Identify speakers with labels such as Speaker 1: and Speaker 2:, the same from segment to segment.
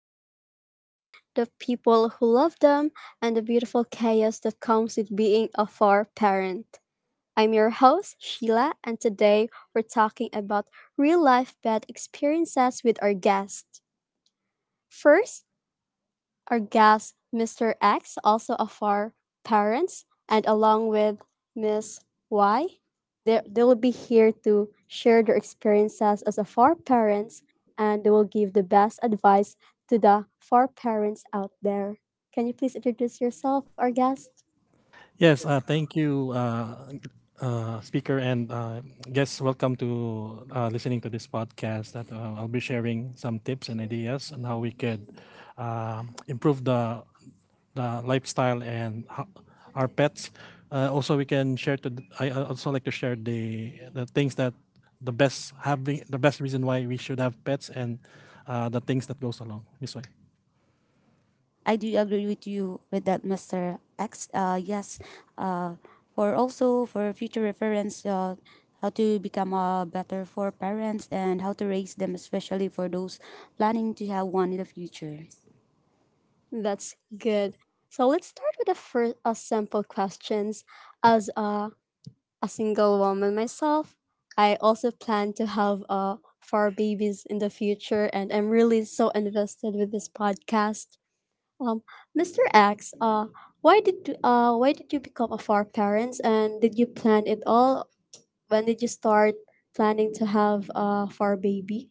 Speaker 1: celebrate pets, the people who love them, and the beautiful chaos that comes with being a fur parent. I'm your host, Sheila, and today we're talking about real life pet experiences with our guest. First, our guest, Mr. X, also of our parents, and along with Miss Y, they will be here to share their experiences as a four parents and they will give the best advice to the four parents out there. Can you please introduce yourself, our guest?
Speaker 2: Yes, Thank you, speaker, and guests. Welcome to listening to this podcast. That I'll be sharing some tips and ideas on how we could improve the lifestyle and our pets. Also, we can share to. I also like to share the things that the best having the best reason why we should have pets and the things that goes along this way.
Speaker 3: I do agree with you with that, Mr. X. Yes, uh, for also for future reference, how to become better for parents and how to raise them, especially for those planning to have one in the future.
Speaker 1: That's good. So let's start with the first sample questions. As a single woman myself. I also plan to have four babies in the future, and I'm really so invested with this podcast. Um, Mr. X, why did you become a four parents, and did you plan it all? When did you start planning to have a four baby?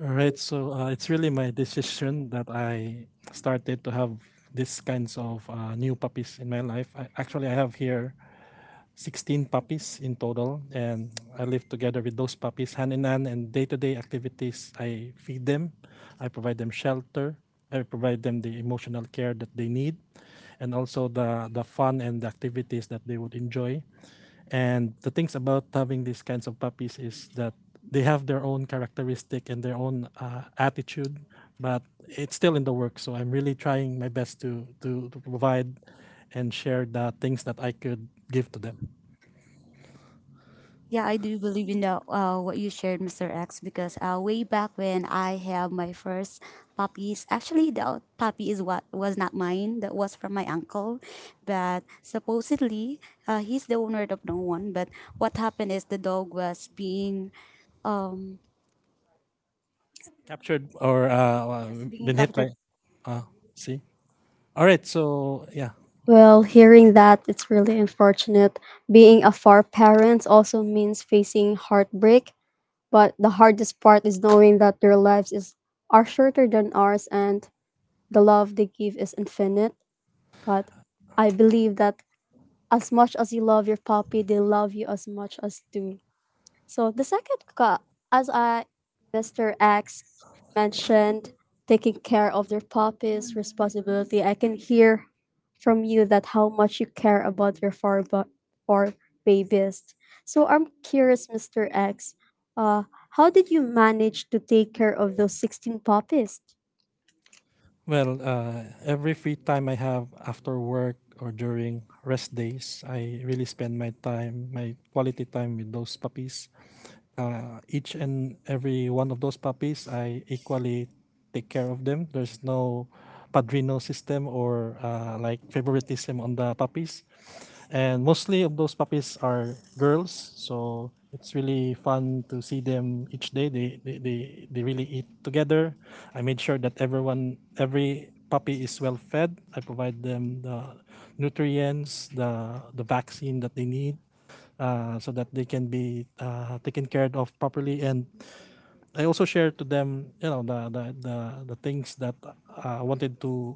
Speaker 2: All right, so it's really my decision that I started to have these kinds of new puppies in my life. Actually, I have here 16 puppies in total, and I live together with those puppies hand in hand. And day to day activities, I feed them, I provide them shelter, I provide them the emotional care that they need, and also the fun and the activities that they would enjoy. And the things about having these kinds of puppies is that they have their own characteristic and their own attitude, but it's still in the work. So I'm really trying my best to provide and share the things that I could give to them.
Speaker 3: Yeah, I do believe in what you shared, Mr. X, because way back when I have my first puppies. Actually the puppy is what was not mine. That was from my uncle, but supposedly he's the owner of no one. But what happened is the dog was being, um,
Speaker 2: Captured or
Speaker 3: yes, being
Speaker 2: been hit
Speaker 3: encountered.
Speaker 2: by. Uh, see? All right. So, yeah.
Speaker 1: Well, hearing that, it's really unfortunate. Being a four parent also means facing heartbreak. But the hardest part is knowing that their lives is are shorter than ours and the love they give is infinite. But I believe that as much as you love your puppy, they love you as much as too. So the second cut, as I, Mr. X mentioned, taking care of their puppies, responsibility. I can hear from you that how much you care about your four babies. So I'm curious, Mr. X, uh, how did you manage to take care of those 16 puppies?
Speaker 2: Well, every free time I have after work or during rest days, I really spend my time, my quality time with those puppies each and every one of those puppies, I equally take care of them. There's no padrino system or like favoritism on the puppies. And mostly of those puppies are girls, so it's really fun to see them each day. They really eat together. I made sure that everyone, every puppy is well fed. I provide them the nutrients, the vaccine that they need so that they can be taken care of properly. And I also share to them, the things that I wanted to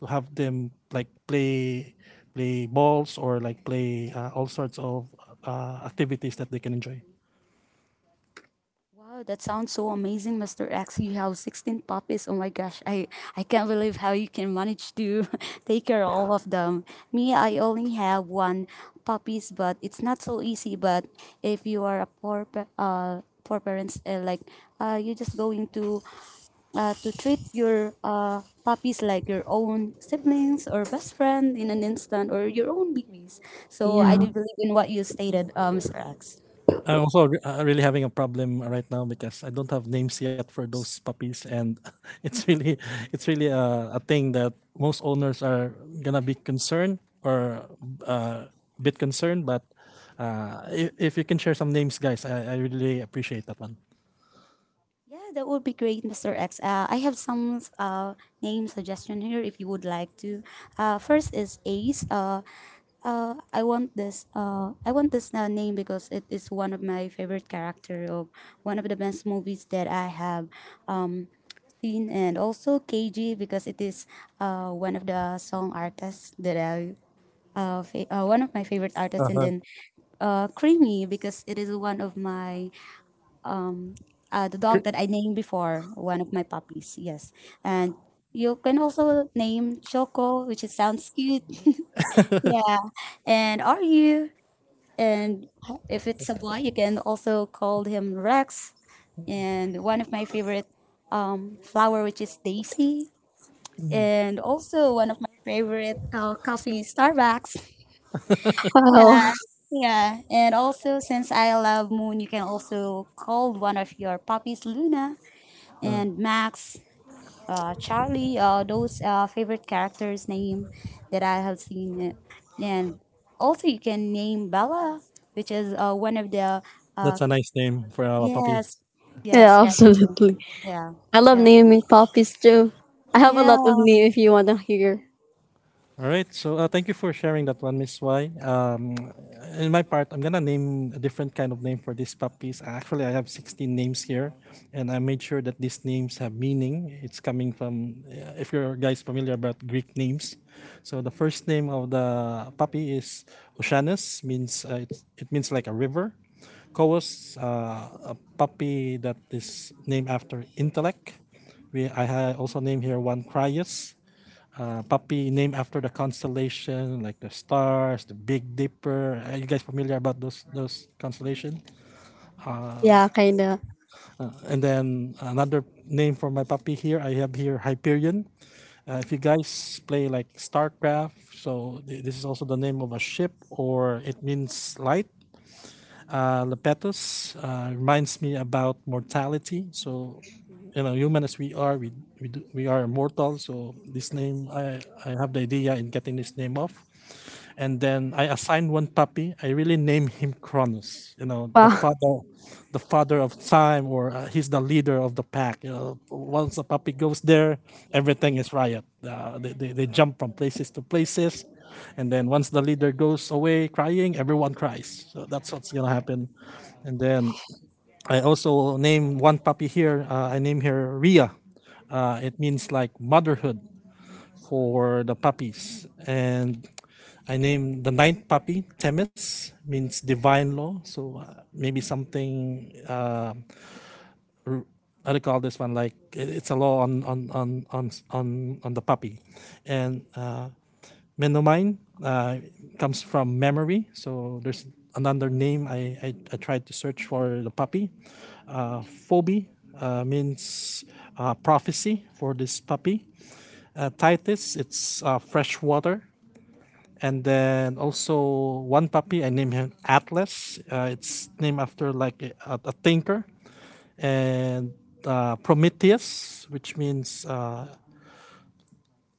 Speaker 2: have them like play play balls or like play all sorts of activities that they can enjoy.
Speaker 3: Wow, that sounds so amazing, Mr. X. You have 16 puppies. Oh my gosh, I can't believe how you can manage to take care of all of them. Me, I only have one puppies, but it's not so easy. But if you are a poor, poor parents, like you're just going to treat your puppies like your own siblings or best friend in an instant or your own babies. So I
Speaker 1: Yeah.
Speaker 3: do believe in what you stated, Mr. X.
Speaker 2: I'm also really having a problem right now because I don't have names yet for those puppies, and it's really it's really a thing that most owners are gonna be concerned or uh, a bit concerned. But if you can share some names, guys, I really appreciate that one.
Speaker 3: Yeah, that would be great, Mr. X. I have some name suggestion here if you would like to. First is Ace. I want this name because it is one of my favorite character of one of the best movies that I have um, seen, and also KG because it is one of the song artists that I one of my favorite artists, and
Speaker 2: Uh-huh.
Speaker 3: then Creamy because it is one of my the dog
Speaker 2: Cr-
Speaker 3: that I named before, one of my puppies. Yes, and you can also name Choco, which is, sounds cute. Yeah, and are you? And if it's a boy, you can also call him Rex. And one of my favorite flower, which is Daisy,
Speaker 2: mm,
Speaker 3: and also one of my favorite coffee, Starbucks.
Speaker 1: Wow.
Speaker 3: Yeah, yeah. And also, since I love Moon, you can also call one of your puppies Luna
Speaker 2: uh,
Speaker 3: and Max, Charlie, those favorite characters name that I have seen, and also you can name Bella, which is one of the, uh,
Speaker 2: that's a nice name for a puppy.
Speaker 3: yes, yes,
Speaker 1: Yeah,
Speaker 3: character.
Speaker 1: absolutely.
Speaker 3: Yeah,
Speaker 1: I love
Speaker 3: yeah,
Speaker 1: naming puppies too. I have a
Speaker 3: yeah,
Speaker 1: lot of name if you want to hear.
Speaker 2: All right. So thank you for sharing that one, Miss Y. In my part, I'm gonna name a different kind of name for these puppies. Actually, I have 16 names here, and I made sure that these names have meaning. It's coming from, if you're guys familiar about Greek names, so the first name of the puppy is Oceanus, means it means like a river. Koos, a puppy that is named after intellect. Also name here one Crius, puppy named after the constellation, like the stars, the Big Dipper. Are you guys familiar about those constellation?
Speaker 1: Yeah, kind of.
Speaker 2: And then another name for my puppy here, I have here Hyperion. If you guys play like StarCraft, so this is also the name of a ship, or it means light. Lepetus reminds me about mortality. So you know, human as we are, we are mortal. So this name, I have the idea in getting this name off. And then I assigned one puppy. I really named him Cronus. You know,
Speaker 1: Wow.
Speaker 2: the father of time, or he's the leader of the pack. You know, once a puppy goes there, everything is riot. They jump from places to places, and then once the leader goes away crying, everyone cries. So that's what's gonna happen. And then I also named one puppy here. I named her Ria. It means like motherhood for the puppies. And I named the ninth puppy Temis, means divine law. So maybe something, I recall this one? Like it's a law on the puppy. And Menomine uh, comes from memory. So there's another name I tried to search for the puppy. Phoebe means prophecy for this puppy. Titus, it's fresh water. And then also one puppy I named him Atlas. It's named after like a thinker and Prometheus, which means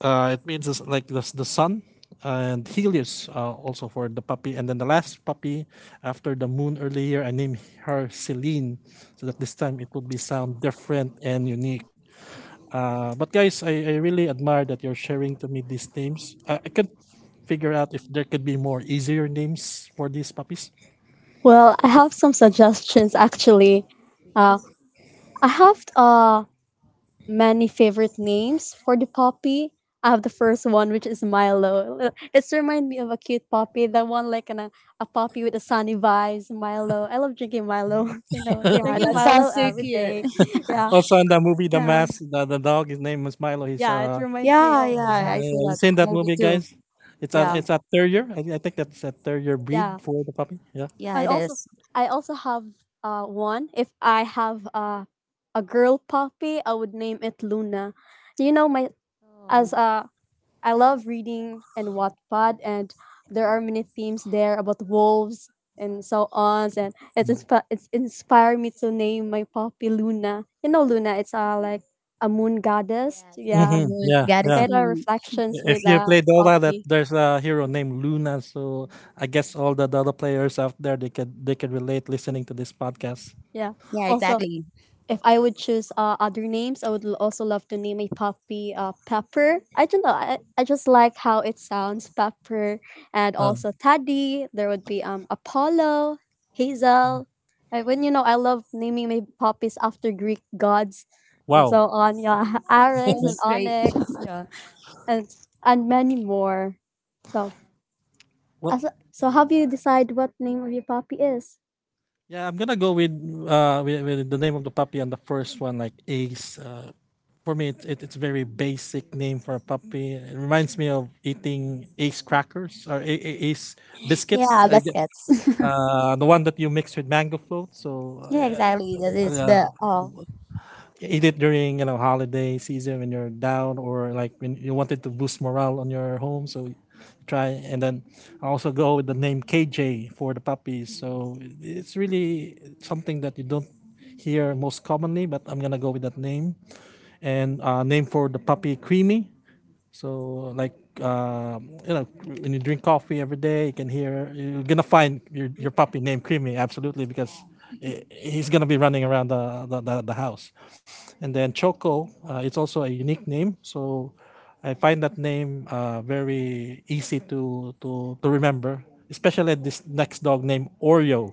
Speaker 2: it means it's like the sun and Helios also for the puppy. And then the last puppy after the moon earlier, I named her Celine so that this time it would be sound different and unique. But guys, I really admire that you're sharing to me these names. I can't figure out if there could be more easier names for these puppies.
Speaker 1: Well, I have some suggestions actually. Uh, I have many favorite names for the puppy. I have the first one, which is Milo. It's remind me of a cute puppy, the one like a puppy with a sunny vibes, Milo. I love drinking Milo, you know,
Speaker 3: yeah.
Speaker 1: drinking
Speaker 3: That
Speaker 1: Milo
Speaker 3: sounds so
Speaker 1: every
Speaker 3: cute.
Speaker 1: day. Yeah,
Speaker 2: Also, in the movie The
Speaker 3: Yeah,
Speaker 2: Mask, the dog, his name is Milo. He's
Speaker 1: yeah, it reminds me
Speaker 3: yeah,
Speaker 1: also
Speaker 3: yeah. I
Speaker 1: that.
Speaker 3: saw
Speaker 2: you
Speaker 3: that
Speaker 2: seen that
Speaker 3: movie
Speaker 2: movie,
Speaker 3: too.
Speaker 2: guys?
Speaker 3: Yeah,
Speaker 2: It's a terrier. I think that's a terrier breed
Speaker 1: Yeah,
Speaker 2: for the puppy. Yeah.
Speaker 3: yeah,
Speaker 1: and
Speaker 3: it
Speaker 1: also,
Speaker 3: is.
Speaker 1: I also have one. If I have a girl puppy, I would name it Luna. You know, my as
Speaker 3: Oh,
Speaker 1: a I love reading and Wattpad, and there are many themes there about wolves and so on. And it's
Speaker 2: No.
Speaker 1: it's inspired me to name my puppy Luna. You know, Luna. It's like a moon goddess.
Speaker 3: yes, it is a
Speaker 1: Yeah,
Speaker 2: Mm-hmm.
Speaker 3: moon.
Speaker 2: Yeah.
Speaker 3: God
Speaker 1: it's
Speaker 3: is
Speaker 2: Yeah.
Speaker 3: a
Speaker 1: kind of
Speaker 3: moon.
Speaker 1: reflections
Speaker 2: If
Speaker 1: with
Speaker 2: you
Speaker 1: a
Speaker 2: play Dota, that
Speaker 1: puppy.
Speaker 2: there's a hero named Luna. So I guess all the Dota players out there they could relate listening to this podcast.
Speaker 1: Yeah.
Speaker 3: Yeah,
Speaker 1: Also,
Speaker 3: exactly.
Speaker 1: if I would choose other names, I would also love to name a puppy Pepper. I don't know. I just like how it sounds, Pepper, and also Taddy. There would be Apollo, Hazel. I, when you know, I love naming my puppies after Greek gods, and so
Speaker 2: Wow.
Speaker 1: on. Yeah,
Speaker 3: That
Speaker 1: Arix and
Speaker 3: sounds great.
Speaker 1: Onyx,
Speaker 3: Yeah,
Speaker 1: and and many more. So
Speaker 2: Well,
Speaker 1: as so, how do you decide what name of your puppy is?
Speaker 2: yeah, I'm gonna go with with the name of the puppy on the first one, like Ace. For me, it's a very basic name for a puppy. It reminds me of eating Ace crackers or Ace biscuits.
Speaker 3: yeah,
Speaker 2: I gue-
Speaker 3: biscuits.
Speaker 2: The one that you mix with mango float. So
Speaker 3: Yeah, exactly. That is
Speaker 2: yeah,
Speaker 3: the oh.
Speaker 2: eat it during you know holiday season when you're down or like when you wanted to boost morale on your home so you try and then I also go with the name KJ for the puppies so it's really something that you don't hear most commonly but I'm gonna go with that name and name for the puppy Creamy so like you know, when you drink coffee every day, you can hear you're gonna find your puppy named Creamy absolutely because he's gonna be running around the house. And then Choco, it's also a unique name, so I find that name very easy to remember, especially this next dog named Oreo,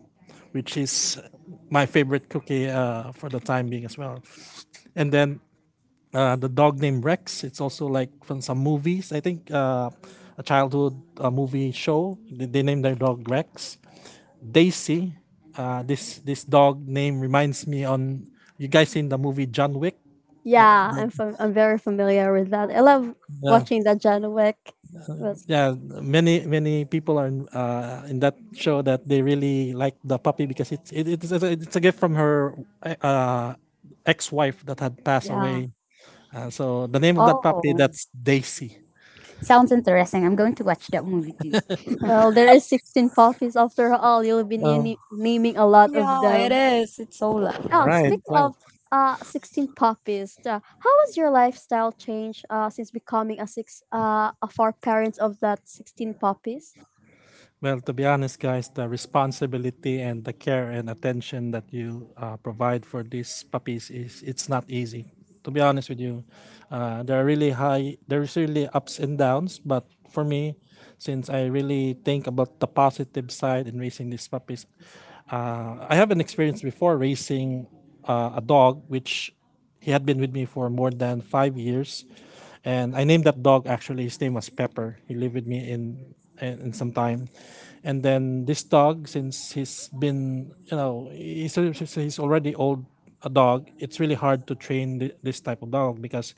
Speaker 2: which is my favorite cookie for the time being as well. And then the dog named Rex. It's also like from some movies. I think a childhood movie show. They named their dog Rex. Daisy. This dog name reminds me on you guys seen the movie John Wick.
Speaker 1: Yeah, I'm very familiar with that. I love
Speaker 2: Yeah,
Speaker 1: watching that John Wick. But
Speaker 2: yeah. Many people are in that show that they really like the puppy because it's a gift from her uh, ex-wife that had passed
Speaker 1: yeah.
Speaker 2: away. So the name of that puppy
Speaker 3: Oh,
Speaker 2: that's Daisy.
Speaker 3: sounds interesting. I'm going to watch that movie too.
Speaker 1: Well, there is 16 puppies after all. You'll be
Speaker 2: Oh,
Speaker 1: naming a lot of
Speaker 3: Yeah, it
Speaker 1: them.
Speaker 3: is. It's so
Speaker 1: Oh,
Speaker 3: loud.
Speaker 2: right,
Speaker 1: speaking
Speaker 2: right.
Speaker 1: of 16 puppies, how has your lifestyle changed since becoming a six a four parents of that 16 puppies?
Speaker 2: Well, to be honest, guys, the responsibility and the care and attention that you provide for these puppies is it's not easy. To be honest with you, there's really ups and downs. But for me, since I really think about the positive side in raising these puppies, I have an experience before raising a dog, which he had been with me for more than 5 years, and I named that dog actually. His name was Pepper. He lived with me in some time, and then this dog, since he's been you know he's already old a dog. It's really hard to train this type of dog because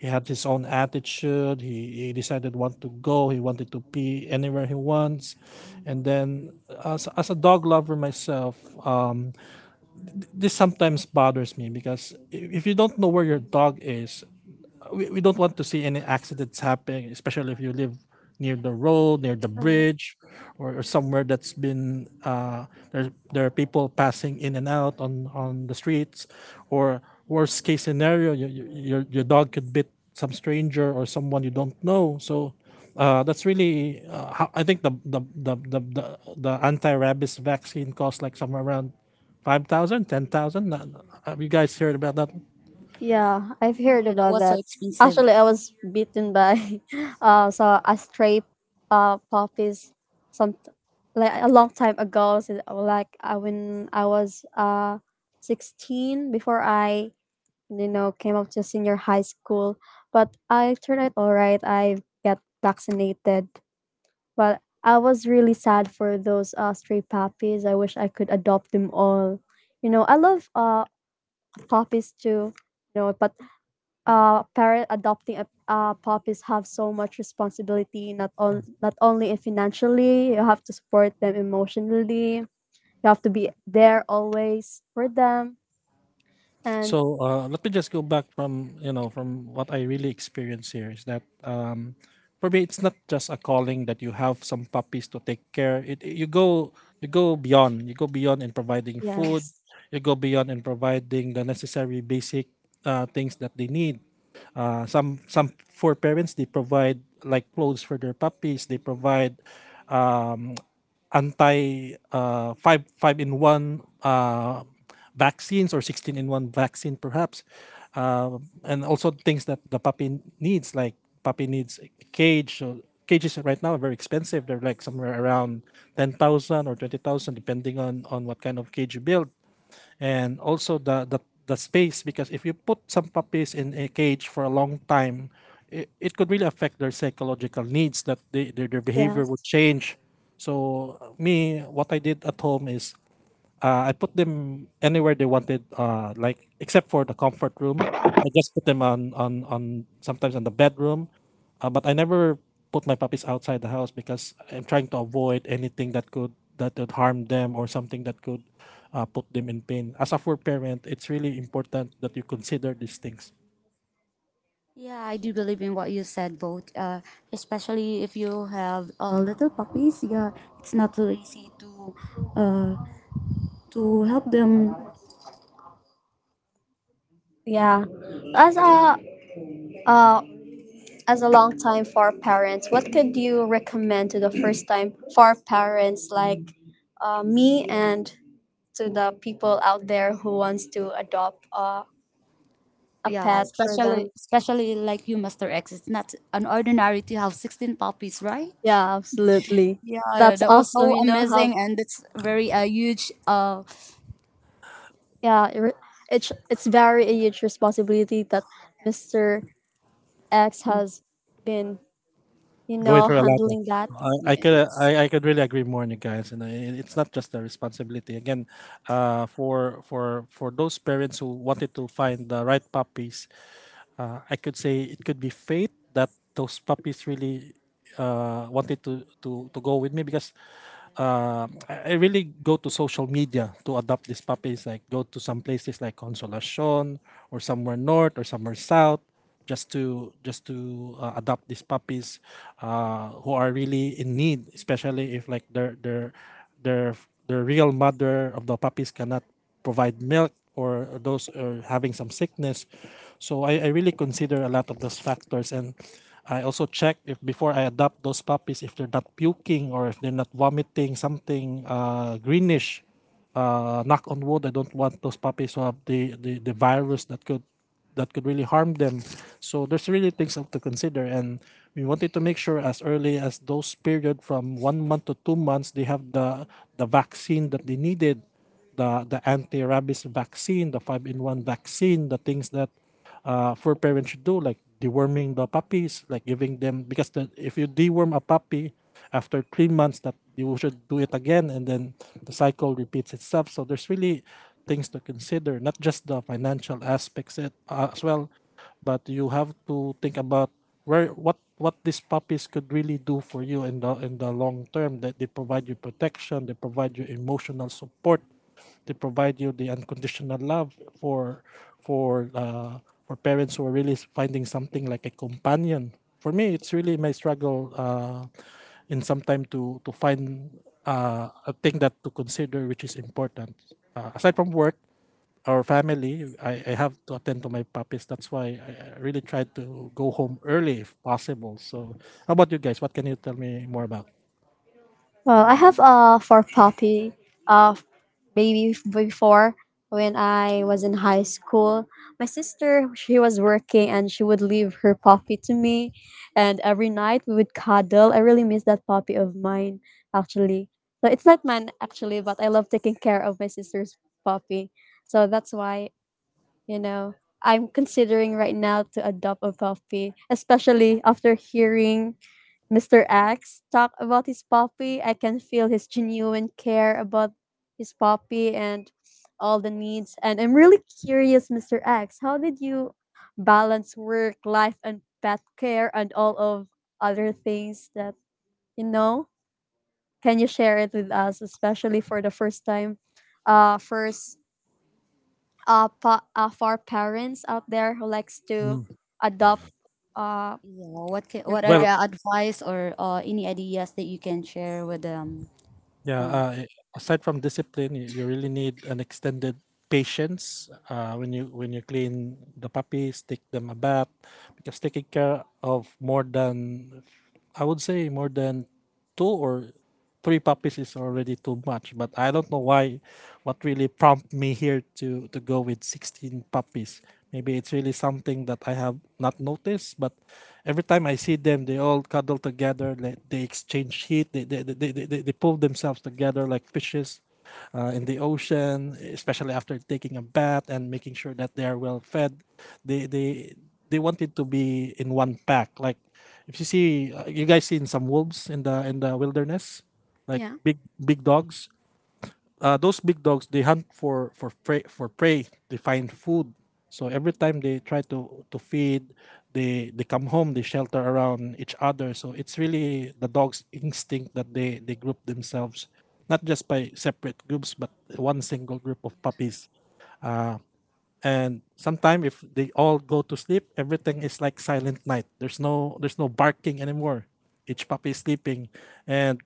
Speaker 2: he had his own attitude. He decided want to go. He wanted to pee anywhere he wants, and then as a dog lover myself. This sometimes bothers me because if you don't know where your dog is, we don't want to see any accidents happen, especially if you live near the road, near the bridge, or somewhere that's been there. There are people passing in and out on the streets, or worst case scenario, your dog could bit some stranger or someone you don't know. So. That's really how, I think the anti rabies vaccine costs like somewhere around 5,000, 10,000. Have you guys heard about that?
Speaker 1: Yeah, I've heard
Speaker 3: Yeah, that
Speaker 1: about
Speaker 3: was so
Speaker 1: that.
Speaker 3: expensive.
Speaker 1: Actually, I was bitten by so a stray puppies some like a long time ago so, like when I was 16 before I you know came up to senior high school, but I turned out all right. I got vaccinated. But I was really sad for those stray puppies. I wish I could adopt them all. You know, I love puppies too. You know, but parent adopting puppies have so much responsibility not on not only financially you have to support them emotionally you have to be there always for them and
Speaker 2: So let me just go back from you know from what I really experienced here is that for me it's not just a calling that you have some puppies to take care. It you go beyond in providing food,
Speaker 1: yes
Speaker 2: you go beyond in providing the necessary basic things that they need. Some for parents they provide like clothes for their puppies. They provide um, anti five in one vaccines or 16 in one vaccine perhaps, uh, and also things that the puppy needs like puppy needs a cage. So cages right now are very expensive. They're like somewhere around 10,000 or 20,000 depending on what kind of cage you build, and also the space, because if you put some puppies in a cage for a long time, it could really affect their psychological needs, that their behavior would
Speaker 1: yes
Speaker 2: change. So me, what I did at home is I put them anywhere they wanted, like except for the comfort room. I just put them on sometimes on the bedroom, but I never put my puppies outside the house, because I'm trying to avoid anything that could that would harm them, or something that could put them in pain. As a fur parent, it's really important that you consider these things.
Speaker 3: Yeah, I do believe in what you said, both. Especially if you have little puppies. Yeah, it's not so easy uh to help them.
Speaker 1: yeah as a uh, as a long time for parents what could you recommend to the first time for parents like me and to the people out there who wants to adopt a
Speaker 3: Yeah,
Speaker 1: pet for
Speaker 3: especially
Speaker 1: them.
Speaker 3: especially like you, Master X. It's not an ordinary to have 16 puppies, right?
Speaker 1: Yeah, absolutely.
Speaker 3: Yeah,
Speaker 1: That's
Speaker 3: that was
Speaker 1: awesome.
Speaker 3: so
Speaker 1: You know how?
Speaker 3: amazing, and it's very huge.
Speaker 1: Yeah, it's very a huge responsibility that Mister X has been, you
Speaker 2: Going
Speaker 1: know,
Speaker 2: through a lot of
Speaker 1: handling that.
Speaker 2: I, I
Speaker 3: Thank.
Speaker 2: could
Speaker 3: Yes.
Speaker 2: I, I could really agree more on you guys. You know, it, it's not just a responsibility again, for those parents who wanted to find the right puppies. I could say it could be fate that those puppies really wanted to go with me, because I really go to social media to adopt these puppies. Like, go to some places like Consolacion, or somewhere north or somewhere south, just to adopt these puppies who are really in need, especially if like their their real mother of the puppies cannot provide milk, or those are having some sickness. So I really consider a lot of those factors, and I also check, if before I adopt those puppies, if they're not puking, or if they're not vomiting something greenish. Knock on wood, I don't want those puppies to have the virus that could really harm them. So there's really things to consider, and we wanted to make sure as early as those period from 1 month to 2 months they have the vaccine that they needed, the anti-rabies vaccine, the five-in-one vaccine, the things that fur parents should do, like deworming the puppies, like giving them, because if you deworm a puppy after 3 months, that you should do it again, and then the cycle repeats itself. So there's really things to consider, not just the financial aspects, as well, but you have to think about where what these puppies could really do for you in the long term, that they provide you protection, they provide you emotional support, they provide you the unconditional love for for uh, for parents who are really finding something like a companion. For me, it's really my struggle, in some time, to find a thing that to consider, which is important, aside from work, our family. I have to attend to my puppies, that's why I really try to go home early if possible. So how about you guys, what can you tell me more about?
Speaker 1: Well, I have for puppy uh maybe before when I was in high school. My sister she was working and she would leave her puppy to me and every night we would cuddle. I really miss that puppy of mine actually. So it's not mine actually, but I love taking care of my sister's puppy. So that's why, you know, I'm considering right now to adopt a puppy, especially after hearing Mr. Axe talk about his puppy. I can feel his genuine care about his puppy and all the needs. And I'm really curious, Mr. Axe, how did you balance work, life, and pet care and all of other things that you know? Can you share it with us, especially for the first time, uh, first for parents out there who likes to
Speaker 2: Mm.
Speaker 1: adopt uh
Speaker 3: Yeah. What can,
Speaker 1: their
Speaker 3: what are Um,
Speaker 1: pet?
Speaker 2: Well,
Speaker 3: the advice or any ideas that you can share with them?
Speaker 2: Yeah, uh, i- aside from discipline, you really need an extended patience when you clean the puppies, take them a bath, because taking care of more than, I would say, more than two or three puppies is already too much. But I don't know why, what really prompted me here to go with 16 puppies. Maybe it's really something that I have not noticed. But every time I see them, they all cuddle together. Like, they exchange heat. They pull themselves together like fishes. In the ocean, especially after taking a bath and making sure that they are well fed, they they want it to be in one pack. Like, if you see, you guys seen some wolves in the wilderness, like
Speaker 1: Yeah.
Speaker 2: big dogs. Those big dogs, they hunt for prey. They find food. So every time they try to feed, they come home. They shelter around each other. So it's really the dog's instinct that they group themselves, not just by separate groups, but one single group of puppies. And sometimes, if they all go to sleep, everything is like silent night, there's no barking anymore, each puppy is sleeping. And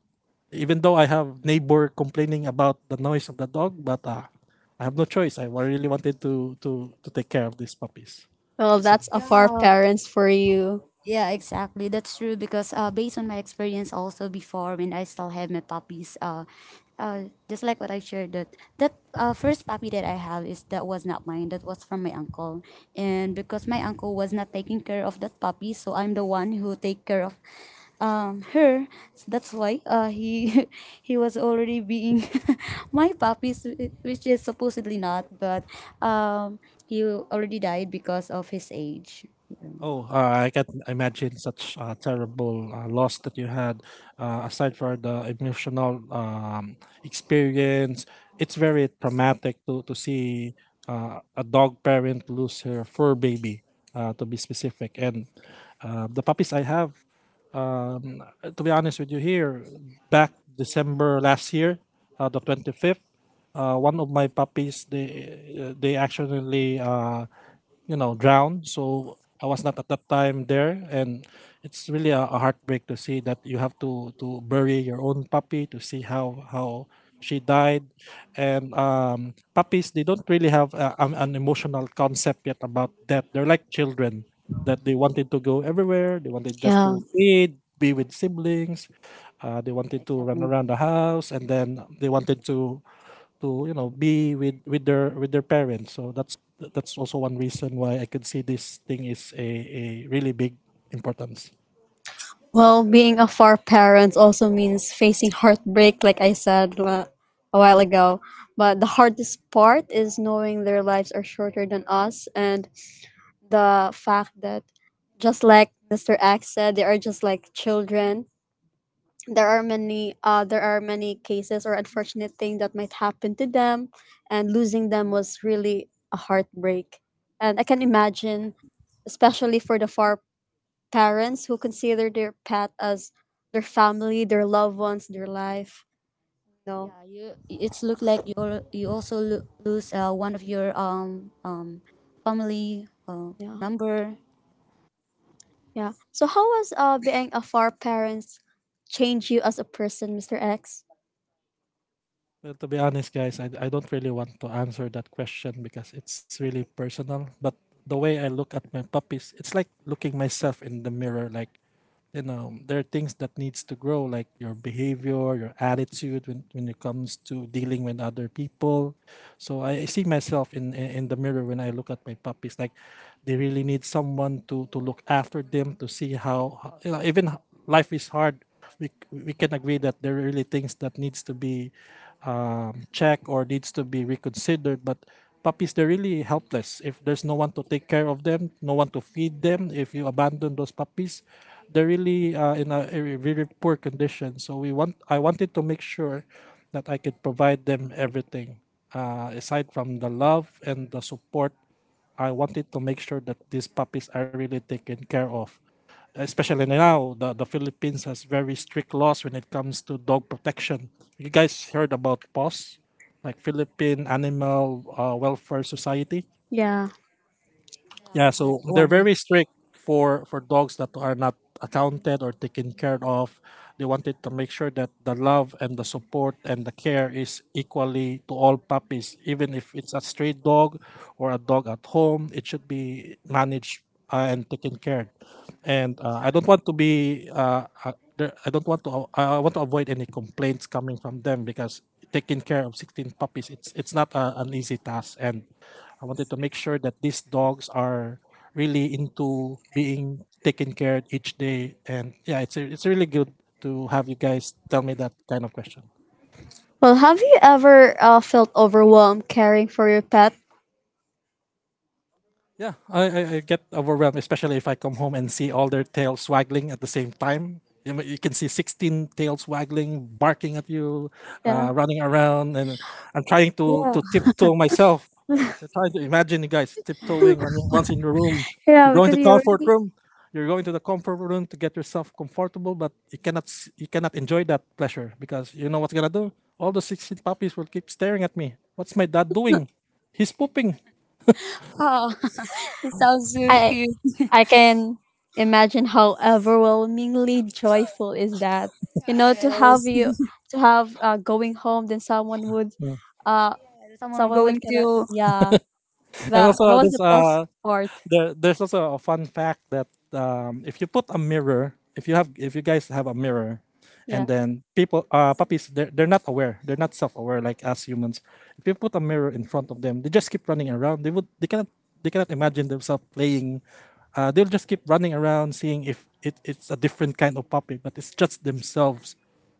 Speaker 2: even though I have neighbor complaining about the noise of the dog, but I have no choice, really wanted to take care of these puppies,
Speaker 1: Well,
Speaker 2: so.
Speaker 1: that's a for parents for you.
Speaker 3: Yeah, exactly. That's true because based on my experience also before when I still have my puppies. Uh, just like what I shared that first puppy that I have is that was not mine. That was from my uncle, and because my uncle was not taking care of that puppy, so I'm the one who take care of her, so that's why he he was already being my puppies, which is supposedly not. But um he already died because of his age.
Speaker 2: Oh, I can imagine such a terrible loss that you had. Aside from the emotional experience, it's very traumatic to see a dog parent lose her fur baby, to be specific. And the puppies I have, to be honest with you, here back December last year, the 25th, one of my puppies, they accidentally, drowned. So I was not at that time there, and it's really a heartbreak to see that you have to bury your own puppy, to see how she died. And puppies, they don't really have an emotional concept yet about death. They're like children, that they wanted to go everywhere. They wanted just
Speaker 1: Yeah.
Speaker 2: to feed, be with siblings. They
Speaker 3: Yeah,
Speaker 2: wanted to run
Speaker 3: exactly.
Speaker 2: around the house, and then they wanted to be with with their parents. So that's also one reason why I could see this thing is a really big importance.
Speaker 1: Well, being a far parent also means facing heartbreak, like I said a while ago. But the hardest part is knowing their lives are shorter than us, and the fact that, just like Mr. X said, they are just like children. There are many cases or unfortunate thing that might happen to them, and losing them was really a heartbreak. And I can imagine especially for the far parents who consider their pet as their family, their loved ones, their life. No,
Speaker 3: Yeah, you. It's look like you also lose one of your family
Speaker 1: yeah,
Speaker 3: number.
Speaker 1: yeah. So how was being a far parents change you as a person, Mister X?
Speaker 2: Well, to be honest, guys, I don't really want to answer that question because it's really personal. But the way I look at my puppies, it's like looking myself in the mirror. Like, you know, there are things that needs to grow, like your behavior, your attitude, when it comes to dealing with other people. So I see myself in the mirror when I look at my puppies. Like, they really need someone to look after them, to see how, you know, even life is hard. We can agree that there are really things that needs to be checked or needs to be reconsidered. But puppies, they're really helpless. If there's no one to take care of them, no one to feed them, if you abandon those puppies, they're really in a very poor condition. So we want I wanted to make sure that I could provide them everything, aside from the love and the support. I wanted to make sure that these puppies are really taken care of, especially now the Philippines has very strict laws when it comes to dog protection. You guys heard about Paws, like Philippine Animal Welfare Society?
Speaker 1: Yeah.
Speaker 3: Yeah,
Speaker 2: Yeah,
Speaker 3: wizard
Speaker 2: so they're
Speaker 3: one.
Speaker 2: very strict for dogs that are not accounted or taken care of. They wanted to make sure that the love and the support and the care is equally to all puppies, even if it's a stray dog or a dog at home, it should be managed and taken care. And I don't want to be I don't want to I want to avoid any complaints coming from them, because taking care of 16 puppies, it's not an easy task, and I wanted to make sure that these dogs are really into being taken care each day. And yeah, it's it's really good to have you guys tell me that kind of question.
Speaker 1: Well, have you ever felt overwhelmed caring for your pet?
Speaker 2: Yeah, I get overwhelmed, especially if I come home and see all their tails waggling at the same time. You know, you can see 16 tails waggling, barking at you,
Speaker 1: Yeah.
Speaker 2: running around, and I'm trying
Speaker 3: Yeah,
Speaker 2: to tiptoe myself. I'm trying to imagine you guys tiptoeing when once in the room. You
Speaker 3: yeah,
Speaker 2: go
Speaker 3: because
Speaker 2: into
Speaker 3: you
Speaker 2: comfort
Speaker 3: already.
Speaker 2: room, you're going to the comfort room to get yourself comfortable, but you cannot you cannot enjoy that pleasure, because you know what's gonna do. All the 16 puppies will keep staring at me. What's my dad doing? He's pooping.
Speaker 3: Oh, it sounds so
Speaker 1: I
Speaker 3: cute.
Speaker 1: I can imagine how overwhelmingly joyful is that. You
Speaker 3: Yeah,
Speaker 1: know,
Speaker 3: it
Speaker 1: to have you
Speaker 3: is.
Speaker 1: to have going home, then
Speaker 2: Hmm.
Speaker 1: uh,
Speaker 3: Yeah, there's someone
Speaker 1: someone would
Speaker 3: going
Speaker 1: kind of
Speaker 3: to.
Speaker 1: yeah
Speaker 2: And
Speaker 1: that that
Speaker 2: also,
Speaker 1: was
Speaker 2: there's
Speaker 1: the best part
Speaker 2: there's also a fun fact that, if you put a mirror, if you guys have a mirror, and
Speaker 1: yeah
Speaker 2: then puppies, they're not aware, they're not self-aware like us humans. If you put a mirror in front of them, they just keep running around. They cannot imagine themselves playing. They'll just keep running around, seeing if it's a different kind of puppy, but it's just themselves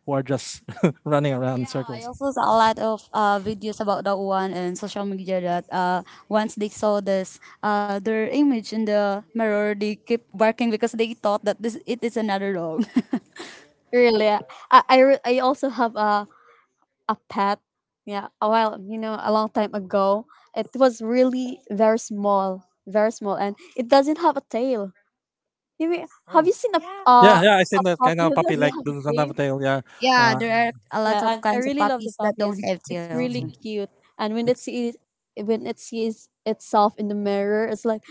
Speaker 2: who are just running around in
Speaker 3: Yeah, I
Speaker 2: circles.
Speaker 3: also saw a lot of videos about that one in social media that once they saw this, their image in the mirror, they keep barking because they thought that this it is another dog.
Speaker 1: really I also have a pet yeah a while you know a long time ago it was really very small and it doesn't have a tail you mean, have
Speaker 2: Oh,
Speaker 1: you seen
Speaker 3: Yeah.
Speaker 2: yeah, yeah, I
Speaker 1: a
Speaker 2: seen that kind
Speaker 1: puppy
Speaker 2: of
Speaker 1: who
Speaker 2: puppy
Speaker 1: doesn't
Speaker 2: like
Speaker 3: Yeah.
Speaker 1: have a
Speaker 2: doesn't have
Speaker 1: tail
Speaker 2: a tail. Yeah,
Speaker 3: Yeah,
Speaker 2: uh,
Speaker 3: there are a lot of
Speaker 1: yeah and I
Speaker 3: kinds of
Speaker 1: really love the
Speaker 3: puppies that
Speaker 1: puppy
Speaker 3: don't
Speaker 1: because
Speaker 3: have
Speaker 1: it's
Speaker 3: tails.
Speaker 1: really cute and
Speaker 2: it's
Speaker 1: when it sees itself in the mirror it's like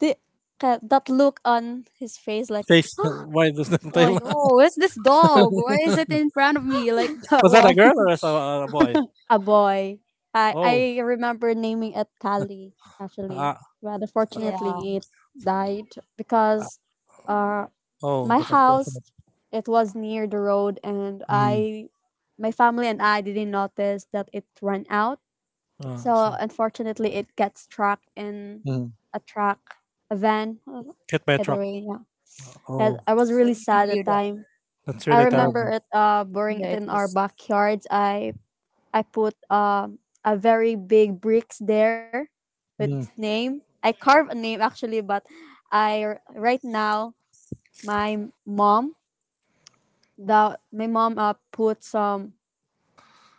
Speaker 1: the, that look on his face like
Speaker 2: face. Why does the
Speaker 3: Like,
Speaker 1: oh.
Speaker 2: tail?
Speaker 3: oh, where's this dog? Why is it in front of me? Like that
Speaker 2: Was that a
Speaker 3: one.
Speaker 2: girl or was that a boy?
Speaker 1: A boy.
Speaker 2: Oh,
Speaker 1: I remember naming it Kali actually,
Speaker 2: uh,
Speaker 1: but
Speaker 3: Yeah,
Speaker 1: unfortunately it died
Speaker 2: uh,
Speaker 1: because uh
Speaker 2: oh,
Speaker 1: my
Speaker 2: that's
Speaker 1: house
Speaker 2: unfortunate.
Speaker 1: it was near the road and
Speaker 2: Mm.
Speaker 1: I my family and I didn't notice that it ran out.
Speaker 2: I
Speaker 1: So
Speaker 2: see.
Speaker 1: unfortunately it got struck in
Speaker 2: Mm.
Speaker 1: a truck, a van.
Speaker 2: Hit by a
Speaker 1: Either
Speaker 2: truck.
Speaker 1: way, yeah. And
Speaker 2: Oh,
Speaker 1: I was
Speaker 3: so
Speaker 1: really
Speaker 3: you can
Speaker 1: sad at
Speaker 3: hear
Speaker 1: the
Speaker 3: that.
Speaker 1: time.
Speaker 2: that's
Speaker 1: I
Speaker 2: really
Speaker 3: Yeah,
Speaker 1: remember
Speaker 2: terrible.
Speaker 1: it burying
Speaker 3: there
Speaker 1: it
Speaker 3: it
Speaker 1: in our
Speaker 3: is.
Speaker 1: backyard. I put a very big bricks there with
Speaker 2: Mm.
Speaker 1: its name. I carve a name actually, but right now my mom my mom put some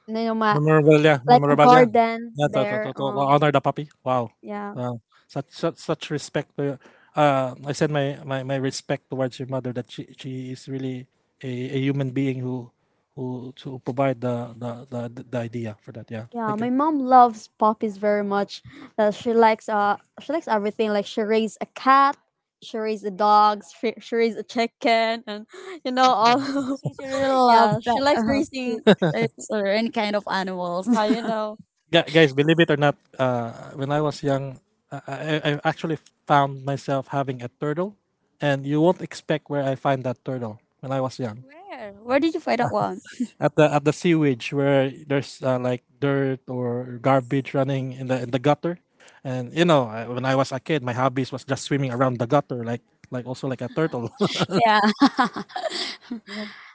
Speaker 1: you know my
Speaker 2: Memorabilia,
Speaker 1: like a
Speaker 2: memorabilia.
Speaker 1: garden
Speaker 2: Yeah, to, to, to,
Speaker 1: there.
Speaker 2: to honor the puppy. Wow.
Speaker 1: Yeah,
Speaker 2: Wow. Such respect to your- I said my respect towards your mother that she is really a, a human being who to provide the the idea for that. Yeah.
Speaker 1: yeah.
Speaker 2: Thank you.
Speaker 1: My mom loves puppies very much. She likes everything. Like she raised a cat, she raised the dogs, she raised a chicken, and you know all.
Speaker 3: She should really love,
Speaker 1: Yeah, she likes
Speaker 3: uh,
Speaker 1: raising.
Speaker 3: pets or any kind of animals.
Speaker 1: You know
Speaker 2: Guys, believe it or not, when I was young, I actually found myself having a turtle, and you won't expect where I find that turtle when I was young.
Speaker 3: Where? Where did you find that one?
Speaker 2: At the sewage where there's like dirt or garbage running in the gutter, and you know I- when I was a kid, my hobbies was just swimming around the gutter like also like a turtle.
Speaker 3: Yeah, I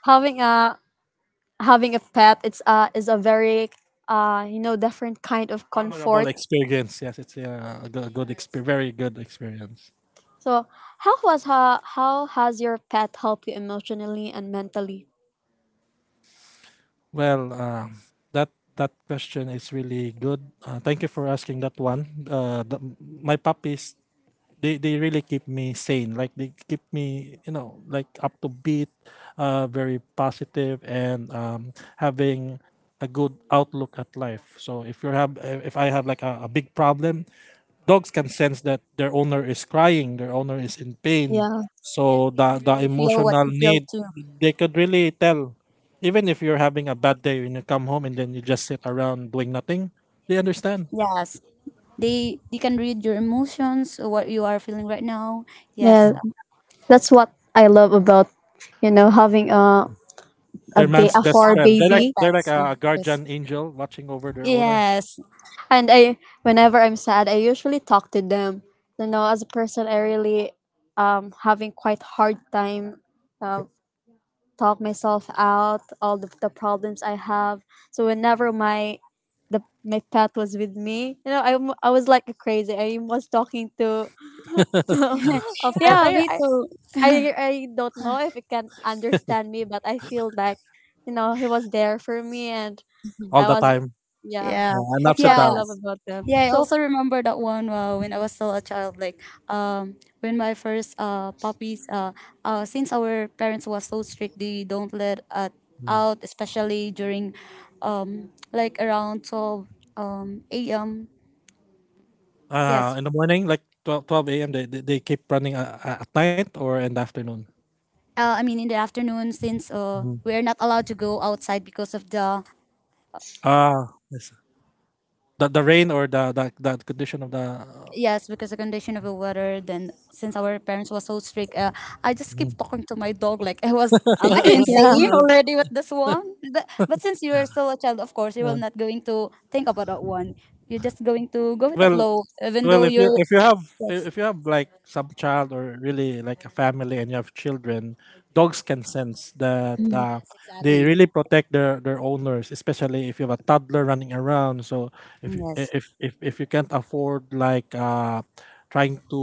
Speaker 1: having a having a pet it's is a very you know different kind of
Speaker 2: Honorable
Speaker 1: comfort
Speaker 2: experience, yes, it's a good, very good experience.
Speaker 1: so how has your pet helped you emotionally and mentally
Speaker 2: Well, that question is really good. Thank you for asking that one. My puppies, they really keep me sane. Like they keep me, you know, like up to beat, very positive and having a good outlook at life. So if you have, if I have like a big problem, dogs can sense that their owner is crying, their owner is in pain.
Speaker 1: yeah
Speaker 2: So
Speaker 3: can
Speaker 2: the
Speaker 3: really feel what
Speaker 2: emotional
Speaker 3: you feel
Speaker 2: need
Speaker 3: too.
Speaker 2: they could really tell. Even if you're having a bad day when you come home and then you just sit around doing nothing, they understand.
Speaker 3: Yes, they can read your emotions, what you are feeling right now. Yes,
Speaker 1: yeah that's what I love about you know having a,
Speaker 2: They're
Speaker 3: uh,
Speaker 2: man's
Speaker 1: a
Speaker 2: best
Speaker 1: fur
Speaker 2: friend.
Speaker 3: puppies or
Speaker 1: baby
Speaker 2: They're like
Speaker 3: pets.
Speaker 2: a
Speaker 3: Yes,
Speaker 2: guardian angel watching over their owner
Speaker 3: yes.
Speaker 1: and I whenever I'm sad I usually talk to them you know as a person I really having quite hard time uh, talk myself out all the problems I have. So whenever my pet was with me, you know, I was like crazy. I was talking to to a pet.
Speaker 3: Yeah, me too.
Speaker 1: I I don't know if it can understand me, but I feel like you know he was there for me, and
Speaker 2: all
Speaker 1: I
Speaker 2: the
Speaker 1: was
Speaker 2: time.
Speaker 1: yeah.
Speaker 3: Yeah,
Speaker 2: And ups
Speaker 1: That's
Speaker 2: and
Speaker 1: what
Speaker 3: yeah,
Speaker 1: I love
Speaker 2: downs.
Speaker 1: about them.
Speaker 3: yeah. I
Speaker 1: So
Speaker 3: also remember that one when I was still a child. Like, when my first puppies, since our parents was so strict, they don't let
Speaker 2: Mm.
Speaker 3: out, especially during, like around 12 a.m. Yes.
Speaker 2: In the morning, like 12 12 a.m., they keep running at night or in the afternoon.
Speaker 3: I mean in the afternoon since
Speaker 2: Mm.
Speaker 3: we are not allowed to go outside because of the.
Speaker 2: Ah, yes. The rain or the condition of the
Speaker 3: Yes, because the condition of the weather. Then since our parents was so strict, I just keep
Speaker 2: Mm,
Speaker 3: talking to my dog like I was. Am I
Speaker 1: yeah.
Speaker 3: insane already with this one? But since you are still a child, of course you
Speaker 2: uh,
Speaker 3: will not going to think about that one. You're just going to go with the
Speaker 2: well,
Speaker 3: flow, even
Speaker 2: well,
Speaker 3: though you're. Yes,
Speaker 2: if you have like some child or really like a family and you have children, dogs can sense that
Speaker 3: yes,
Speaker 2: they really
Speaker 3: exactly.
Speaker 2: protect their owners, especially if you have a toddler running around. So if you- I-
Speaker 3: Yes,
Speaker 2: if you can't afford like trying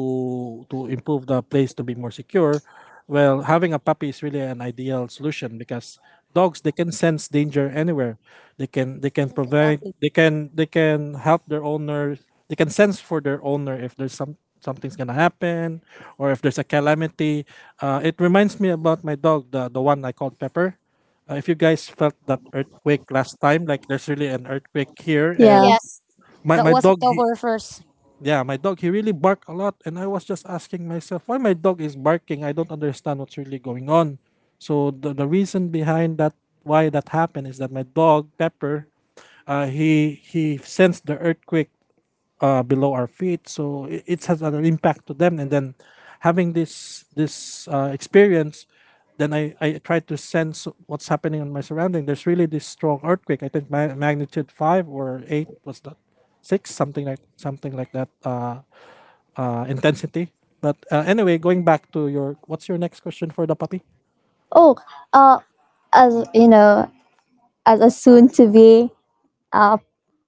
Speaker 2: to improve the place to be more secure, well having a puppy is really an ideal solution because dogs they can sense danger anywhere, they can
Speaker 3: yes,
Speaker 2: provide
Speaker 3: exactly.
Speaker 2: they can help their owner, they can sense for their owner if there's some something's gonna happen or if there's a calamity. It reminds me about my dog, the one I called Pepper. If you guys felt that earthquake last time, like there's really an earthquake here,
Speaker 1: Yeah.
Speaker 2: and
Speaker 3: Yes,
Speaker 2: my
Speaker 3: that
Speaker 2: my
Speaker 3: was
Speaker 2: dog he
Speaker 3: October first.
Speaker 2: yeah, my dog he really barked a lot, and I was just asking myself why my dog is barking, I don't understand what's really going on. So the reason behind that, why that happened, is that my dog Pepper, he sensed the earthquake below our feet. So it has an impact to them. And then having this this experience, then I try to sense what's happening on my surrounding. There's really this strong earthquake. I think magnitude 5 or 8 was that, six, something like that intensity. But anyway, going back to your what's your next question for the puppy?
Speaker 1: Oh, uh, as you know, as a soon to be uh,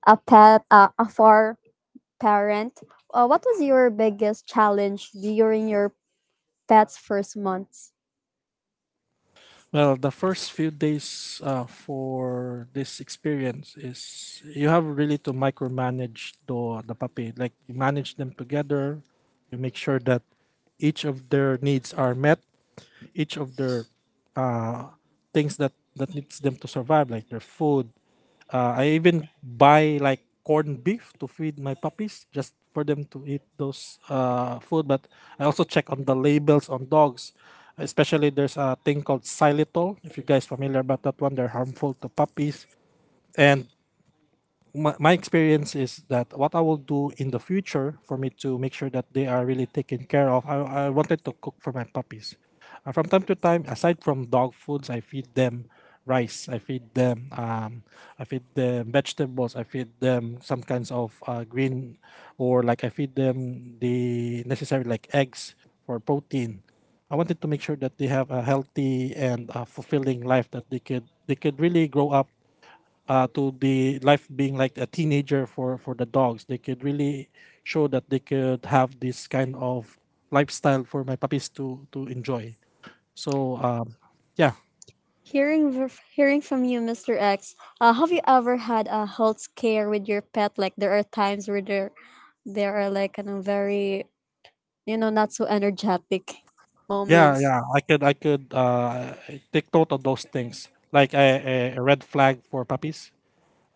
Speaker 1: a far parent, what was your biggest challenge during your pet's first months?
Speaker 2: Well, the first few days for this experience is you have really to micromanage the puppy. Like you manage them together, you make sure that each of their needs are met, each of their uh, things that that needs them to survive, like their food. I even buy like corned beef to feed my puppies just for them to eat those food. But I also check on the labels on dogs. Especially there's a thing called xylitol. If you guys familiar about that one, they're harmful to puppies. And my experience is that what I will do in the future for me to make sure that they are really taken care of, I wanted to cook for my puppies. From time to time, aside from dog foods, I feed them rice, I feed them vegetables, I feed them some kinds of green, or like I feed them the necessary like eggs for protein. I wanted to make sure that they have a healthy and fulfilling life that they could really grow up to the life being like a teenager for the dogs. They could really show that they could have this kind of lifestyle for my puppies to enjoy. So yeah,
Speaker 1: Hearing from you, Mr. X, have you ever had a health scare with your pet? Like there are times where there are like you know, very you know not so energetic
Speaker 2: yeah,
Speaker 1: moments.
Speaker 2: yeah. I could take note of those things, like a red flag for puppies.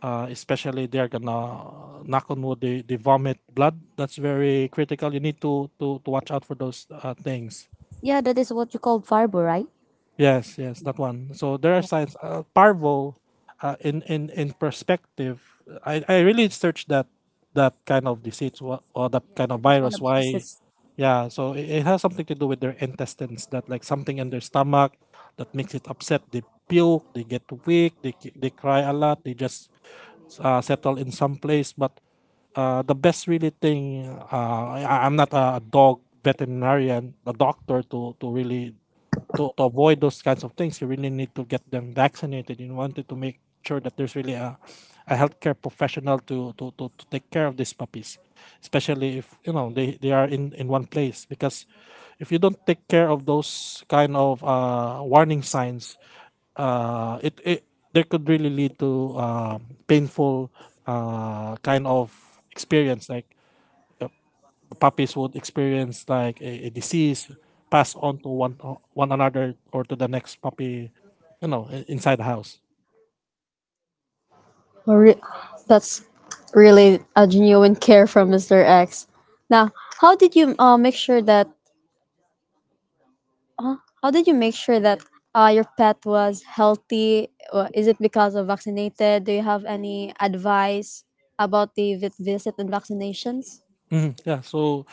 Speaker 2: Especially they're gonna knock on wood, they vomit blood, that's very critical, you need to watch out for those things.
Speaker 3: Yeah, that is what you call fiber, right?
Speaker 2: Yes, yes, that one. So there are signs. Parvo, in perspective, I really searched that that kind of disease or that
Speaker 3: Yes,
Speaker 2: kind of
Speaker 3: it is one
Speaker 2: virus.
Speaker 3: of the
Speaker 2: Why?
Speaker 3: businesses.
Speaker 2: Yeah. So it has something to do with their intestines. That like something in their stomach that makes it upset. They puke. They get weak. They cry a lot. They just settle in some place. But the best really thing. I, I'm not a dog veterinarian, a doctor to really to avoid those kinds of things, you really need to get them vaccinated. You wanted to make sure that there's really a healthcare professional to take care of these puppies, especially if you know they are in one place. Because if you don't take care of those kind of warning signs, it there could really lead to painful kind of experience like puppies would experience like a disease passed on to one one another or to the next puppy, you know, inside the house.
Speaker 1: Or re- that's really a genuine care from Mr. X. Now, how did you uh, make sure that uh how did you make sure that your pet was healthy? Is it because of vaccinated? Do you have any advice about the vet visit and vaccinations?
Speaker 2: Hmm, yeah. So